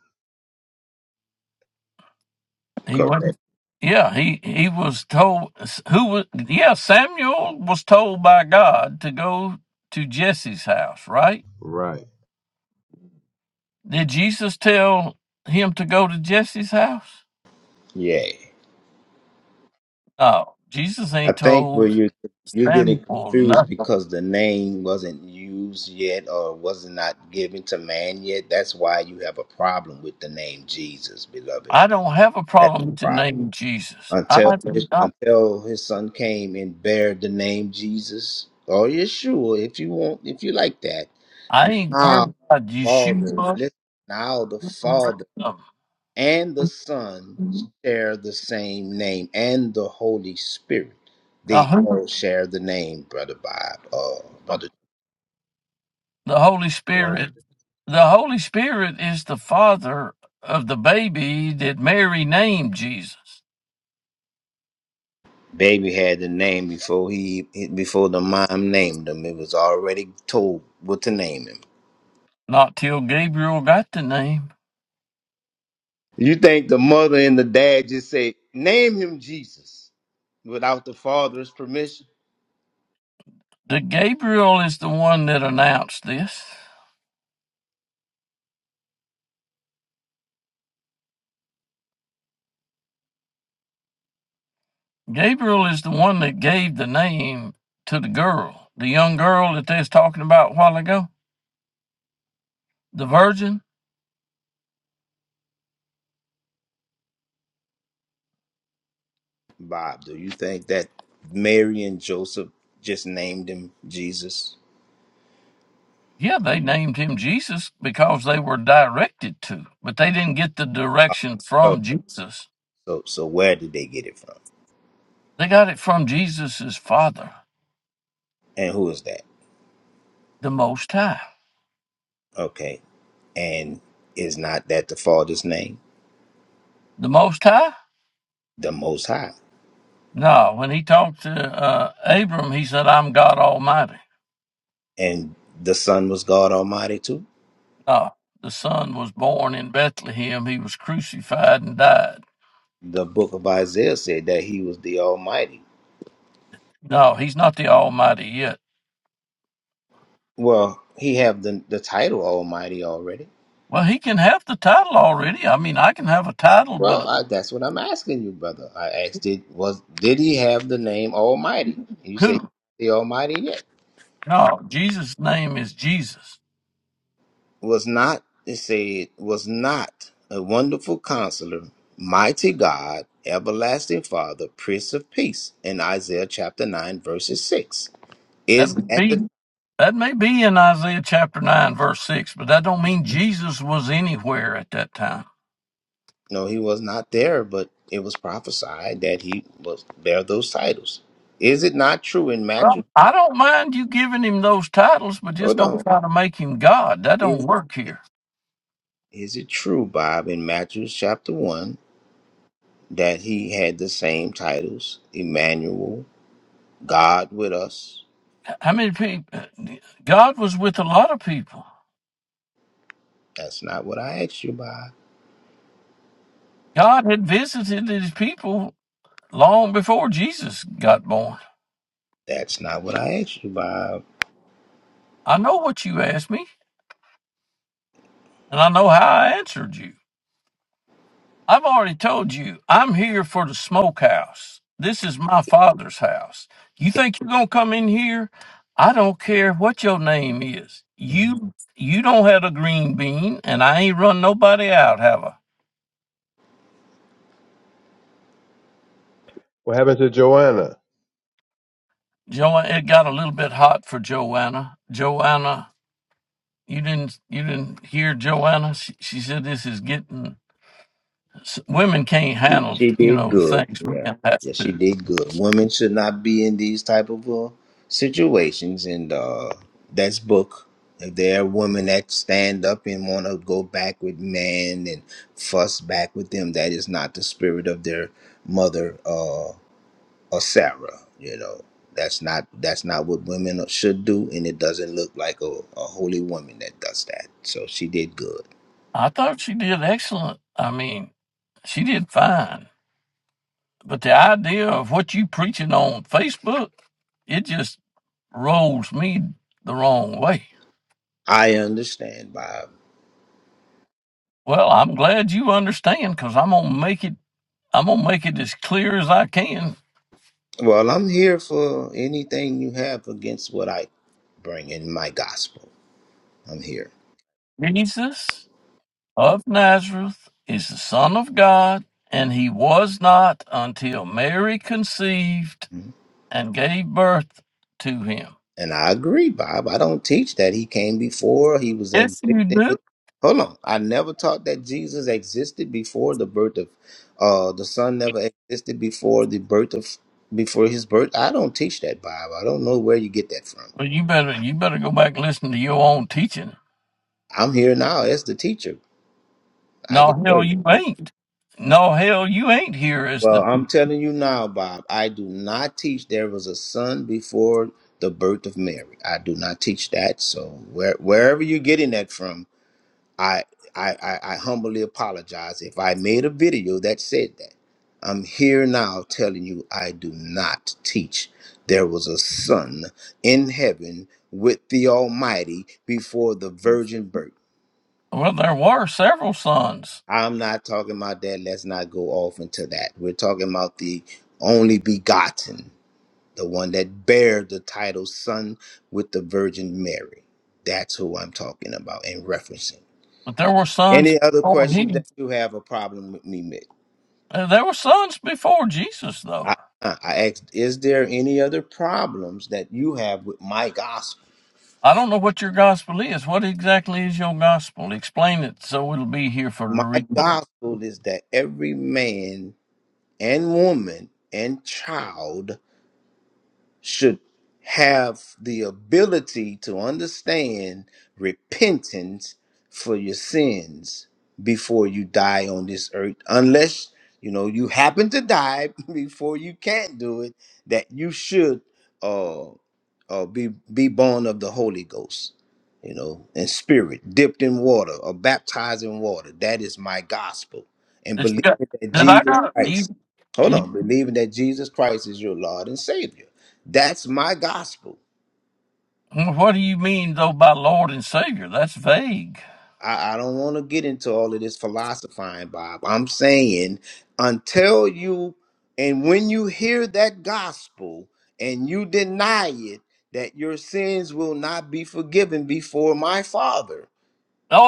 A: He
C: Correct.
A: wasn't. Yeah, he he was told who was. Yeah, Samuel was told by God to go to Jesse's house. Right?
B: Right,
A: Did Jesus tell him to go to Jesse's house?
C: Yeah.
A: No, Jesus
C: I
A: ain't
C: think where
A: told
C: you you're
A: them
C: getting
A: for
C: confused
A: nothing.
C: because the name wasn't used yet or was not given to man yet. That's why you have a problem with the name Jesus, beloved.
A: I don't have a
C: That's
A: problem
C: the
A: to
C: problem.
A: name Jesus.
C: until
A: I do not,
C: until his son came and bare the name Jesus or Yeshua, if you want, if you like that.
A: I ain't
C: Now,
A: worried about
C: Father,
A: Yeshua, or
C: listen. Now the
A: the rest
C: Father
A: of
C: and the Son
A: 'em.
C: share the same name, and the Holy Spirit.
A: Now,
C: They
A: who-
C: all share the name, brother Bob. Oh, brother.
A: the Holy
B: right.
A: Spirit. The Holy Spirit is the father of the baby that Mary named Jesus.
C: Baby had the name before he before the mom named him. It was already told what to name him.
A: Not till Gabriel got the name.
C: You think the mother and the dad just say, name him Jesus without the father's permission?
A: The Gabriel is the one that announced this. Gabriel is the one that gave the name to the girl, the young girl that they was talking about a while ago, the virgin.
C: Bob, do you think that Mary and Joseph just named him Jesus?
A: Yeah, they named him Jesus because they were directed to, but they didn't get the
C: Uh,
A: direction
C: So,
A: from Jesus.
C: so, so where did they get it from?
A: They got it from Jesus' father,
C: And who is that?
A: the Most High.
C: Okay. And is not that the father's name?
A: The Most High?
C: The Most High.
A: No, when he talked to uh, Abram, he said, I'm God Almighty.
C: And the Son was God Almighty too?
A: No, the son was born in Bethlehem. He was crucified and died.
C: The book of Isaiah said that he was the Almighty.
A: No, he's not the Almighty yet.
C: Well, he have the, the title Almighty already
A: Well, he can have the title already. I mean, I can have a title,
C: Well,
A: but
C: I, that's what I'm asking you, brother. I asked, did was did he have the name Almighty? And you say
A: who?
C: the Almighty yet
A: No, Jesus' name is Jesus.
C: was not. It said was not a wonderful Counselor, mighty God, everlasting Father, Prince of Peace. In Isaiah chapter nine, verses six,
A: That
C: is
A: would
C: that the
A: be that may be in Isaiah chapter nine, verse six, but that don't mean Jesus was anywhere at that time.
C: no? He was not there, but it was prophesied that he was bear those titles. Is it not true in Matthew?
A: Well, I don't mind you giving him those titles, but just
C: Hold
A: don't
C: on.
A: try to make him God. That don't
C: Is
A: work here.
C: is it true, Bob, in Matthew chapter one? that he had the same titles Emmanuel, God with us.
A: How many people? God was with a lot of people.
C: That's not what I asked you, Bob.
A: God had visited his people long before Jesus got born.
C: That's not what I asked you, Bob.
A: I know what you asked me, and I know how I answered you. I've already told you, I'm here for the smokehouse. This is my father's house. You think you're going to come in here? I don't care what your name is.
C: Mhm.
A: You you don't have a green bean, and I ain't run nobody out, have I?
B: What happened to Joanna?
A: Jo- it got a little bit hot for Joanna. Joanna, you didn't you didn't hear Joanna? She, she said this is getting s- women can't
C: She,
A: handle
C: she
A: you
C: did
A: know the
C: good.
A: things
C: Yeah.
A: men have
C: yeah, she
A: to.
C: did good. Women should not be in these type of uh, situations. And uh, that's book. If there are women that stand up and want to go back with men and fuss back with them, that is not the spirit of their mother. Uh. or Sarah. You know, that's not that's not what women should do, and it doesn't look like a, a holy woman that does that. So she did good.
A: I thought she did excellent. I mean, she did fine. But the idea of what you preaching on Facebook, it just rolls me the wrong way.
C: I understand, Bob.
A: Well, I'm glad you understand because I'm gonna make it. I'm gonna make it as clear as I can.
C: Well, I'm here for anything you have against what I bring in my gospel. I'm here.
A: Jesus of Nazareth is the Son of God, and he was not until Mary conceived and gave birth to him.
C: And I agree, Bob. I don't teach that he came before he was
A: Yes, you
C: existing
A: do.
C: with. Hold on, I never taught that Jesus existed before the birth of, uh, the Son never existed before the birth of, before his birth. I don't teach that, Bob. I don't know where you get that from.
A: Well, you better you better go back and listen to your own teaching.
C: I'm here now as the teacher. I can
A: No
C: tell
A: hell,
C: you.
A: you ain't. No hell, you ain't here as
C: Well,
A: the
C: I'm telling you now, Bob. I do not teach there was a son before the birth of Mary. I do not teach that. So where wherever you're getting that from, I, I I I humbly apologize if I made a video that said that. I'm here now telling you I do not teach. There was a son in heaven with the Almighty before the virgin birth.
A: well. There were several sons,
C: I'm not talking about that. Let's not go off into that. We're talking about the only begotten, the one that bare the title son with the Virgin Mary. That's who I'm talking about and referencing.
A: but there were sons
C: Any other
A: before
C: questions
A: him.
C: that you have a problem with me
A: Uh, There were sons before Jesus, though.
C: I, uh, I asked, is there any other problems that you have with my gospel?
A: I don't know what your gospel is. What exactly is your gospel? Explain it so it'll be here for the
C: My
A: replay.
C: gospel is that every man and woman and child should have the ability to understand repentance for your sins before you die on this earth unless you know you happen to die before you can't do it that you should uh, uh be be born of the holy ghost you know in spirit dipped in water or baptized in water that is my gospel and
A: It's
C: believing
A: got-
C: that
A: Did I
C: jesus
A: got
C: christ
A: you,
C: hold on
A: you?
C: believing that jesus christ is your lord and savior that's my gospel.
A: What do you mean though by Lord and Savior? That's vague.
C: I, I don't want to get into all of this philosophizing, Bob. I'm saying until you and when you hear that gospel and you deny it, that your sins will not be forgiven before my Father.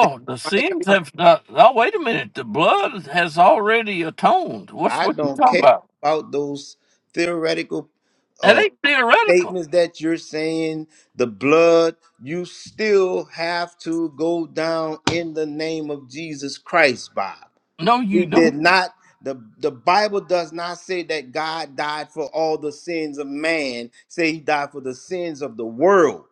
C: That's
A: the
C: my
A: sins
C: gospel.
A: have not. Oh, wait a minute. The blood has already atoned. What's
C: I
A: what you
C: don't
A: talking
C: care
A: about?
C: about those theoretical
A: That
C: uh,
A: ain't theoretical.
C: statements that you're saying, the blood, you still have to go down in the name of Jesus Christ, Bob.
A: No, you
C: He did
A: don't.
C: not. The, the Bible does not say that God died for all the sins of man. Say he died for the sins of the world.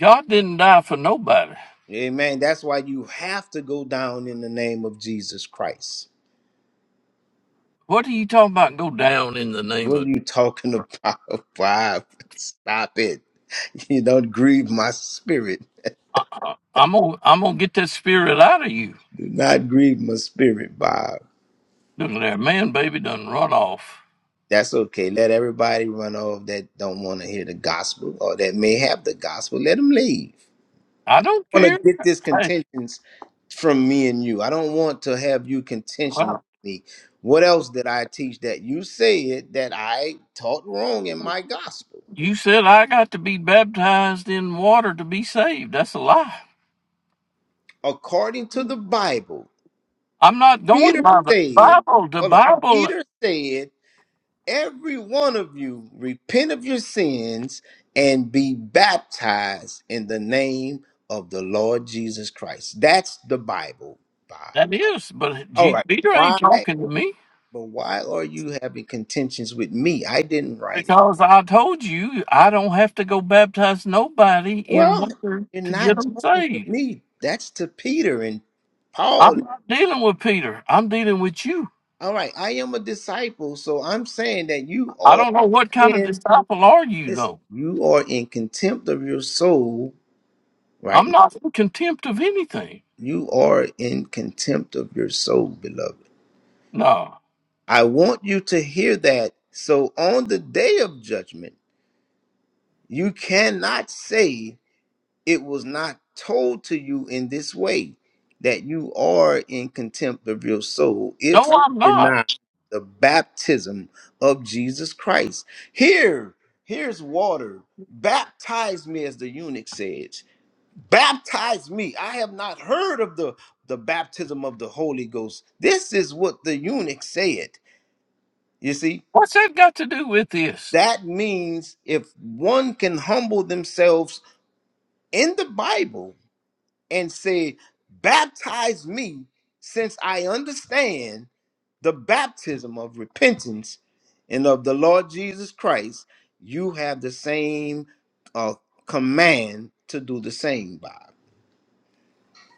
A: God didn't die for nobody.
C: Amen. That's why you have to go down in the name of Jesus Christ.
A: What are you talking about? Go down in the name
C: What are
A: of.
C: you talking about? Bob? Stop it. You don't grieve my spirit.
A: I, I, I'm gonna I'm gonna get that spirit out of you.
C: Do not grieve my spirit, Bob.
A: Look at that man, baby, done run off.
C: That's okay. Let everybody run off that don't want to hear the gospel or that may have the gospel. Let them leave.
A: I don't
C: want
A: care.
C: to get this
A: Hey,
C: contentions from me and you. I don't want to have you contention with
A: well,
C: me. What else did I teach that you said that I taught wrong in my gospel?
A: you said I got to be baptized in water to be saved. That's a lie.
C: According to the Bible,
A: I'm not going
C: Peter
A: by the
C: said,
A: Bible. The
C: hold up,
A: Bible.
C: Peter said, every one of you repent of your sins and be baptized in the name of the Lord Jesus Christ. That's the Bible, Bob.
A: That is, but
C: All
A: G-
C: right.
A: Peter ain't
C: Why?
A: talking to me
C: But why are you having contentions with me? I didn't write it.
A: because I told you I don't have to go baptize nobody in
C: Well,
A: water
C: you're
A: to get
C: not
A: them
C: talking to
A: saved.
C: me. That's to Peter and Paul.
A: I'm not dealing with Peter. I'm dealing with you.
C: All right, I am a disciple, so I'm saying that you
A: I
C: are
A: don't know what kind of
C: in
A: disciple are you
C: this.
A: though.
C: You are in contempt of your soul right
A: I'm
C: now.
A: not in contempt of anything.
C: You are in contempt of your soul, beloved.
A: No,
C: I want you to hear that. So on the day of judgment, you cannot say it was not told to you in this way that you are in contempt of your soul
A: no,
C: if you
A: I'm not.
C: deny the baptism of Jesus Christ. Here, here's water. Baptize me, as the eunuch says. Baptize me. I have not heard of the, the baptism of the Holy Ghost. This is what the eunuch said. You see,
A: What's that got to do with this?
C: that means if one can humble themselves in the Bible, and said, Baptize me, since I understand the baptism of repentance and of the Lord Jesus Christ, you have the same uh, command to do the same, Bob.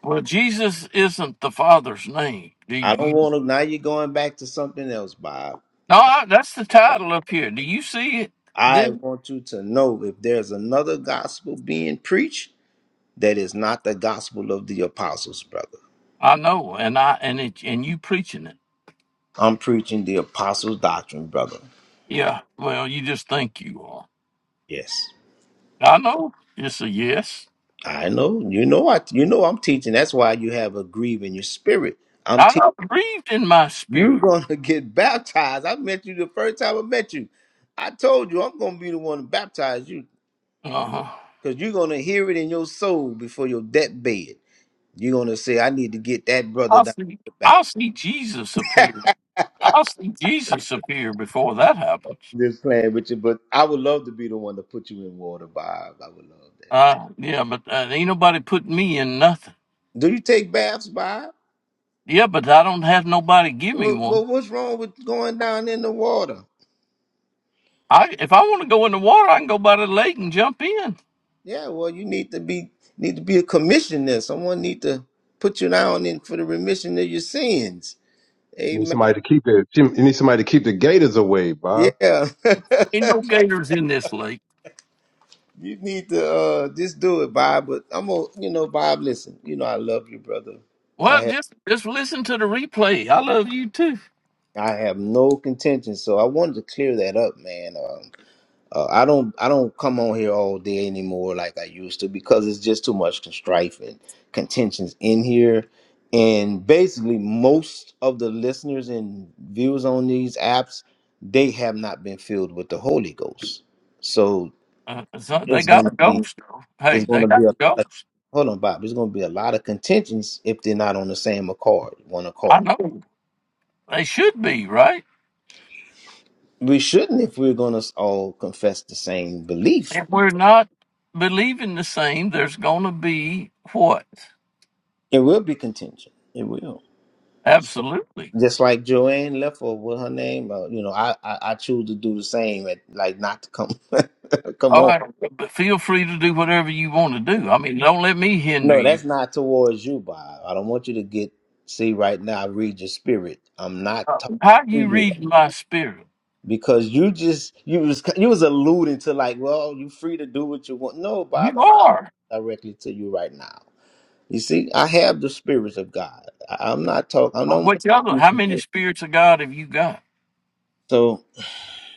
A: Well, Jesus isn't the Father's name. Do
C: I don't
A: you?
C: want to, now you're going back to something else, Bob.
A: No, I, that's the title up here. Do you see it?
C: I
A: Then
C: want you to know if there's another gospel being preached that is not the gospel of the apostles, brother.
A: I know, and I and it and you preaching it.
C: I'm preaching the apostles' doctrine, brother.
A: Yeah, well, you just think you are.
C: Yes.
A: I know. It's a yes.
C: I know. You know I you know I'm teaching. That's why you have a grieve in your spirit. I'm
A: I
C: teaching
A: am grieved in my
C: you're
A: spirit.
C: gonna get baptized. I met you the first time I met you. I told you I'm gonna be the one to baptize you
A: Uh-huh.
C: because you're gonna hear it in your soul before your deathbed. You're gonna say, I need to get that brother
A: I'll
C: down to
A: see.
C: the back.
A: I'll see Jesus appear. I'll see Jesus appear before that happens.
C: Just playing with you, but I would love to be the one to put you in water, Bob. I would love that.
A: Uh, yeah, but uh, ain't nobody putting me in nothing.
C: Do you take baths, Bob?
A: Yeah, but I don't have nobody give me
C: Well,
A: one.
C: well, what's wrong with going down in the water?
A: I if I want to go in the water, I can go by the lake and jump in.
C: Yeah, well, you need to be need to be a commissioner. Someone need to put you down in for the remission of your sins.
B: You need
C: Amen.
B: somebody to keep it. You need somebody to keep the gators away, Bob.
C: Yeah,
A: Ain't no gators in this lake.
C: you need to uh, just do it, Bob. But I'm gonna, you know, Bob. Listen, you know, I love you, brother. I
A: Well,
C: have
A: just just listen to the replay. I love you too.
C: I have no contention, so I wanted to clear that up, man. Um, Uh, I don't I don't come on here all day anymore like I used to because it's just too much strife and contentions in here. And basically, most of the listeners and viewers on these apps, they have not been filled with the Holy Ghost. So
A: Uh, so they
C: it's
A: got
C: gonna
A: a
C: be
A: ghost. though. Hey,
C: it's
A: they
C: gonna be
A: got
C: a
A: a
C: lot of,
A: ghost.
C: hold on, Bob. It's gonna be a lot of contentions if they're not on the same accord, one
A: I
C: accord.
A: know they should be right.
C: We shouldn't if we're gonna all confess the same belief.
A: If we're not believing the same, there's going to be what?
C: It will be contention. It will. So
A: Absolutely.
C: just like Joanne left or what her name, uh, you know, I, I I choose to do the same. At, like not to come, come
A: All
C: on.
A: right, but feel free to do whatever you want to do. I mean, don't let me hinder
C: No, that's
A: you.
C: not towards you, Bob. I don't want you to get see right now. I read your spirit. I'm not talking
A: How do
C: to
A: you
C: you
A: read my spirit?
C: because you just you was you was alluding to like, well, you free to do what you want. No, Bob,
A: You
C: I'm not
A: are.
C: directly to you right now. You see, I have the spirits of God. I, I'm not talking. I don't want
A: What the other?
C: you
A: How many
C: to.
A: spirits of God have you got?
C: So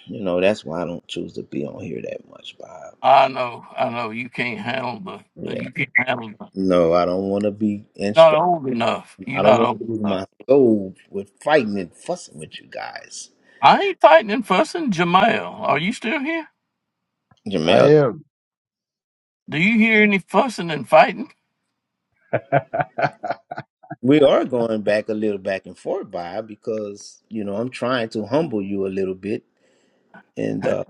C: You know, that's why I don't choose to be on here that much, Bob.
A: I know. I know. You can't handle the.
C: Yeah.
A: You can't handle the.
C: No, I don't want to be
A: Not
C: instru-
A: old enough. You're
C: I don't
A: not
C: want
A: old
C: to
A: enough.
C: lose my soul with fighting and fussing with you guys.
A: I ain't fighting and fussing. Jamael, are you still here?
B: I
C: Jamel,
B: am.
A: Do you hear any fussing and fighting?
C: we are going back a little back and forth, Bob, because, you know, I'm trying to humble you a little bit and uh,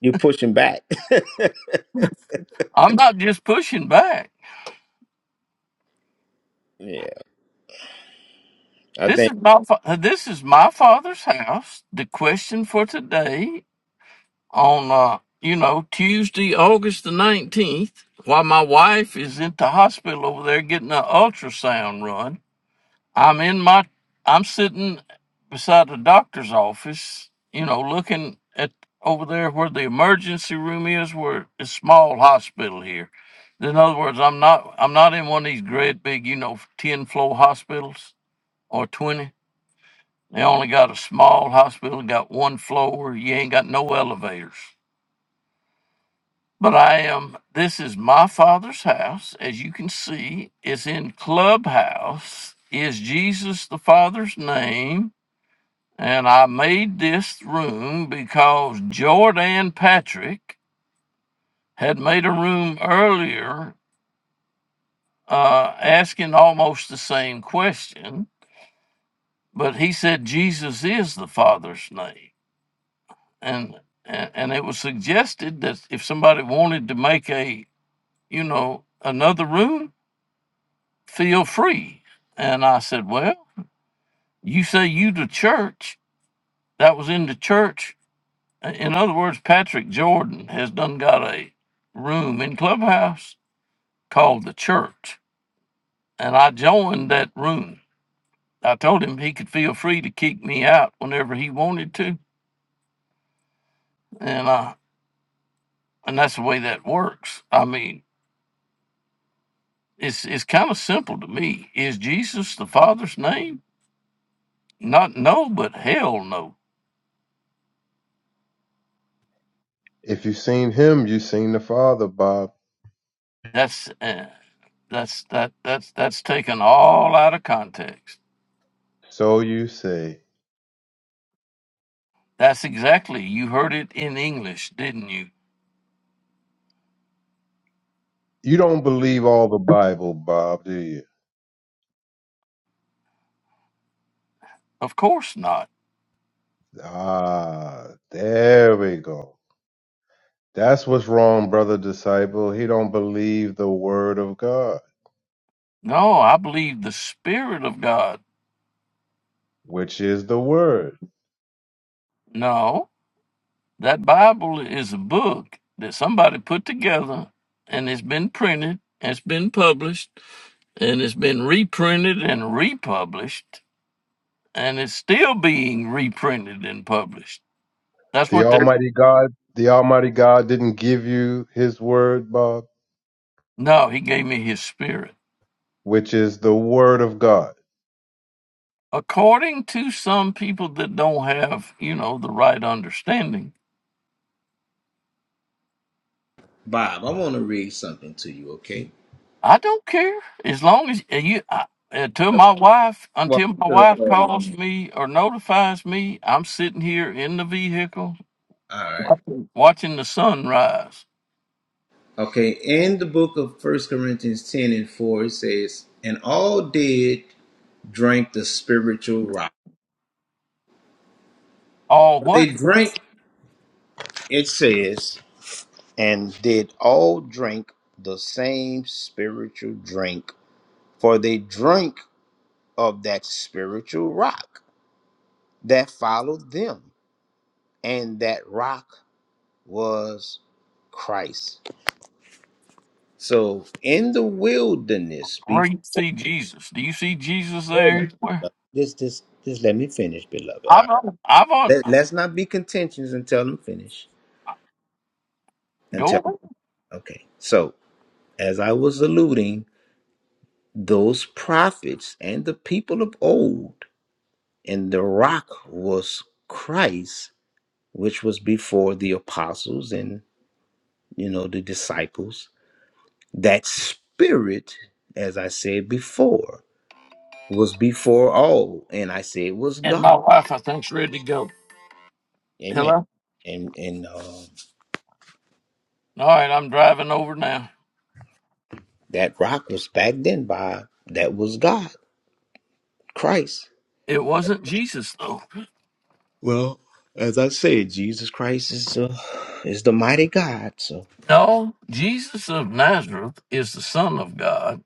C: you're pushing back.
A: I'm not just pushing back.
C: yeah. I
A: This is
C: think.
A: my fa- this is my father's house. The question for today on uh, you know Tuesday, August the nineteenth, while my wife is in the hospital over there getting an ultrasound run. I'm in my I'm sitting beside the doctor's office, you know, looking at over there where the emergency room is, where it's a small hospital here. In other words, I'm not I'm not in one of these great big, you know, ten floor hospitals or twenty. They only got a small hospital, got one floor, you ain't got no elevators. But I am this is my father's house, as you can see, it's in Clubhouse. Is Jesus the Father's name? And I made this room because Jordan Patrick had made a room earlier uh, asking almost the same question, but he said Jesus is the Father's name. And, and, and it was suggested that if somebody wanted to make a, you know, another room, feel free. And I said, well, you say you the church. That was in the church In other words, Patrick Jordan has done got a room in Clubhouse called the Church, and I joined that room. I told him he could feel free to kick me out whenever he wanted to, and I and that's the way that works. I mean, it's it's kind of simple to me. Is Jesus the Father's name? Not no, but hell no.
B: If you've seen him, you've seen the Father, Bob.
A: That's uh, that's that that's that's taken all out of context.
B: So you say.
A: That's exactly you heard it in English, didn't you?
B: You don't believe all the Bible, Bob, do you?
A: Of course not.
B: Ah, there we go. That's what's wrong, brother disciple. He don't believe the word of God,
A: No, I believe the Spirit of God.
B: which is the word.
A: No, that Bible is a book that somebody put together and it's been printed, it's been published, and it's been reprinted and republished, and it's still being reprinted and published. That's
B: The
A: what the.
B: Almighty God, the Almighty God didn't give you his word, Bob,
A: No, he gave me his spirit.
B: which is the word of God.
A: According to some people that don't have, you know, the right understanding,
C: Bob, I want to read something to you, okay?
A: I don't care as long as and you I, until my wife
C: Well,
A: until my
C: to the
A: wife
C: audience.
A: calls me or notifies me. I'm sitting here in the vehicle
C: All right.
A: watching the sunrise.
C: Okay, in the book of First Corinthians 10 and 4, it says, And all did drink the spiritual rock.
A: Oh,
C: Well,
A: what?
C: They drank, it says, and did all drink the same spiritual drink, for they drank of that spiritual rock that followed them, and that rock was Christ. So in the wilderness,
A: Where
C: before
A: you see Jesus? Do you see Jesus
C: hold
A: there? Where?
C: on, this this just let me finish, beloved.
A: I've on, I've on.
C: Let, let's not be contentious until I'm finished.
A: Go
C: Until
A: ahead.
C: okay. So as I was alluding, those prophets and the people of old, and the rock was Christ, which was before the apostles and you know the disciples. That spirit, as I said before, was before all, and I said was
A: And
C: God.
A: my wife, I think's ready to go.
C: Amen.
A: Hello.
C: And and uh,
A: All right, I'm driving over now.
C: that rock was back then by that was God, Christ
A: It wasn't Jesus though.
C: Well, as I said, Jesus Christ is uh, is the mighty God. So
A: No, Jesus of Nazareth is the Son of God,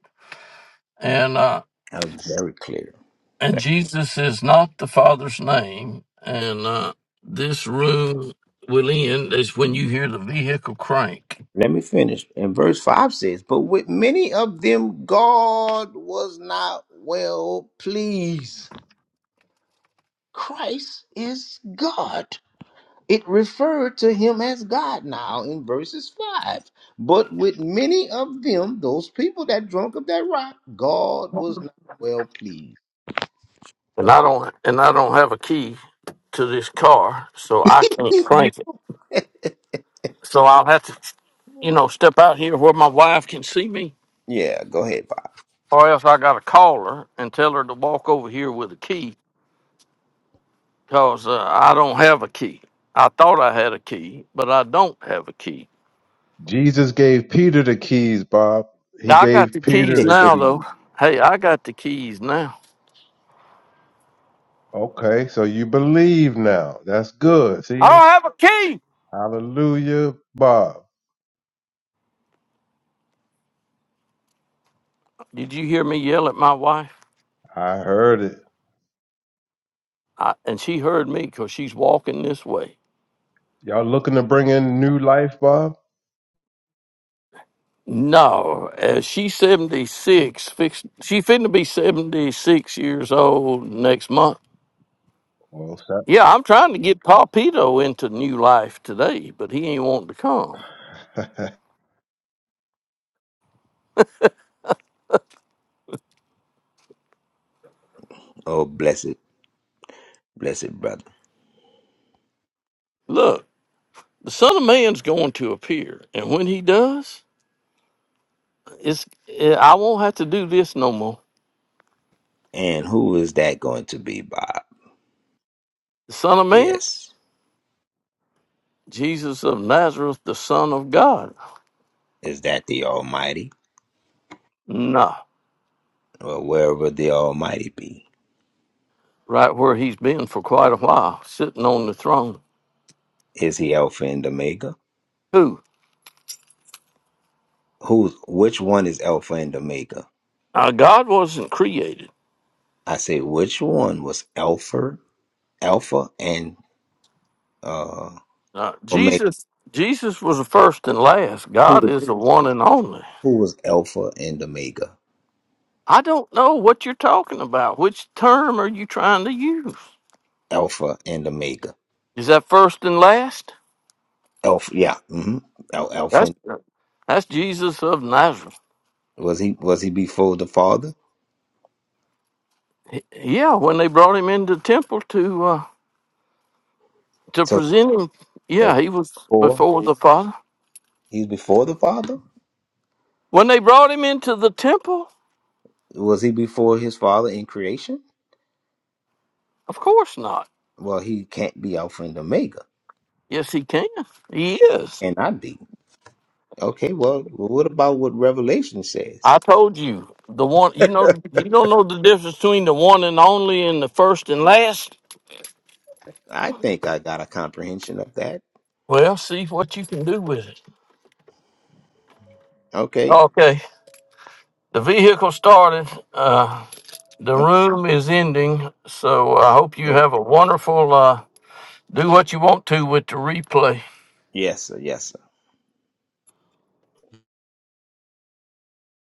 A: and uh,
C: that was very clear.
A: and Jesus is not the Father's name. And uh, this room will end is when you hear the vehicle crank.
C: Let me finish. And verse five says, "But with many of them, God was not well pleased." Christ is God. It referred to him as God now in verses five. But with many of them, those people that drunk of that rock, God was not well pleased.
A: And I don't and I don't have a key to this car, so I can't
C: You-
A: crank it. So I'll have to, you know, step out here where my wife can see me,
C: yeah, go ahead,
A: or else I got to call her and tell her to walk over here with a key, cause uh, I don't have a key. I thought I had a key, but I don't have a key.
B: Jesus gave Peter the keys, Bob. He
A: Now I got
B: gave
A: the
B: Peter
A: keys
C: Bob.
B: the
A: now,
B: keys.
A: though. Hey, I got the keys now.
B: Okay, so you believe now. That's good.
A: I
B: See?
A: don't have a key.
B: Hallelujah, Bob.
A: Did you hear me yell at my wife?
B: I heard it.
A: I, and she heard me because she's walking this way.
B: Y'all looking to bring in new life, Bob?
A: No, uh, she's 76. Fix, she finna be 76 years old next month.
B: Well,
A: Yeah, I'm trying to get Papito into new life today, but he ain't wanting to come.
B: sir.
C: Oh, blessed, blessed brother.
A: Look, the Son of Man's going to appear, and when he does, it's eh, I won't have to do this no more.
C: And who is that going to be, Bob?
A: The Son of Man,
C: Yes.
A: Jesus of Nazareth, the Son of God.
C: Is that the Almighty?
A: No.
C: Or wherever the Almighty be?
A: right where he's been for quite a while, sitting on the throne.
C: Is he Alpha and Omega?
A: Who?
C: Who's which one is Alpha and Omega?
A: Uh, God wasn't created.
C: I say which one was Alpha Alpha and uh
A: Uh,
C: Omega?
A: Jesus Jesus was the first and last.
C: Who
A: God
C: was
A: is the one and only.
C: who was Alpha and Omega?
A: I don't know what you're talking about. Which term are you trying to use?
C: Alpha and Omega.
A: Is that first and last?
C: Alpha yeah. Mm-hmm. Al- Alpha
A: That's
C: and,
A: that's Jesus of Nazareth.
C: was he was he before the Father?
A: Yeah, when they brought him into the temple to uh, to
C: So
A: present him,
C: so
A: yeah, he was
C: before
A: before the Father.
C: he's before the Father?
A: When they brought him into the temple,
C: Was he before his father in creation?
A: of course not.
C: Well, he can't be Alpha and Omega,
A: Yes, he can. He is.
C: and I be. Okay, well, what about what Revelation says?
A: I told you the one. You know, you don't know the difference between the one and only and the first and last.
C: I think I got a comprehension of that.
A: Well, see what you can do with it.
C: Okay.
A: Okay, the vehicle started. Uh, the room is ending, so I hope you
C: okay.
A: have a wonderful. Uh, do what you want to with the replay.
C: Yes, sir, yes. sir.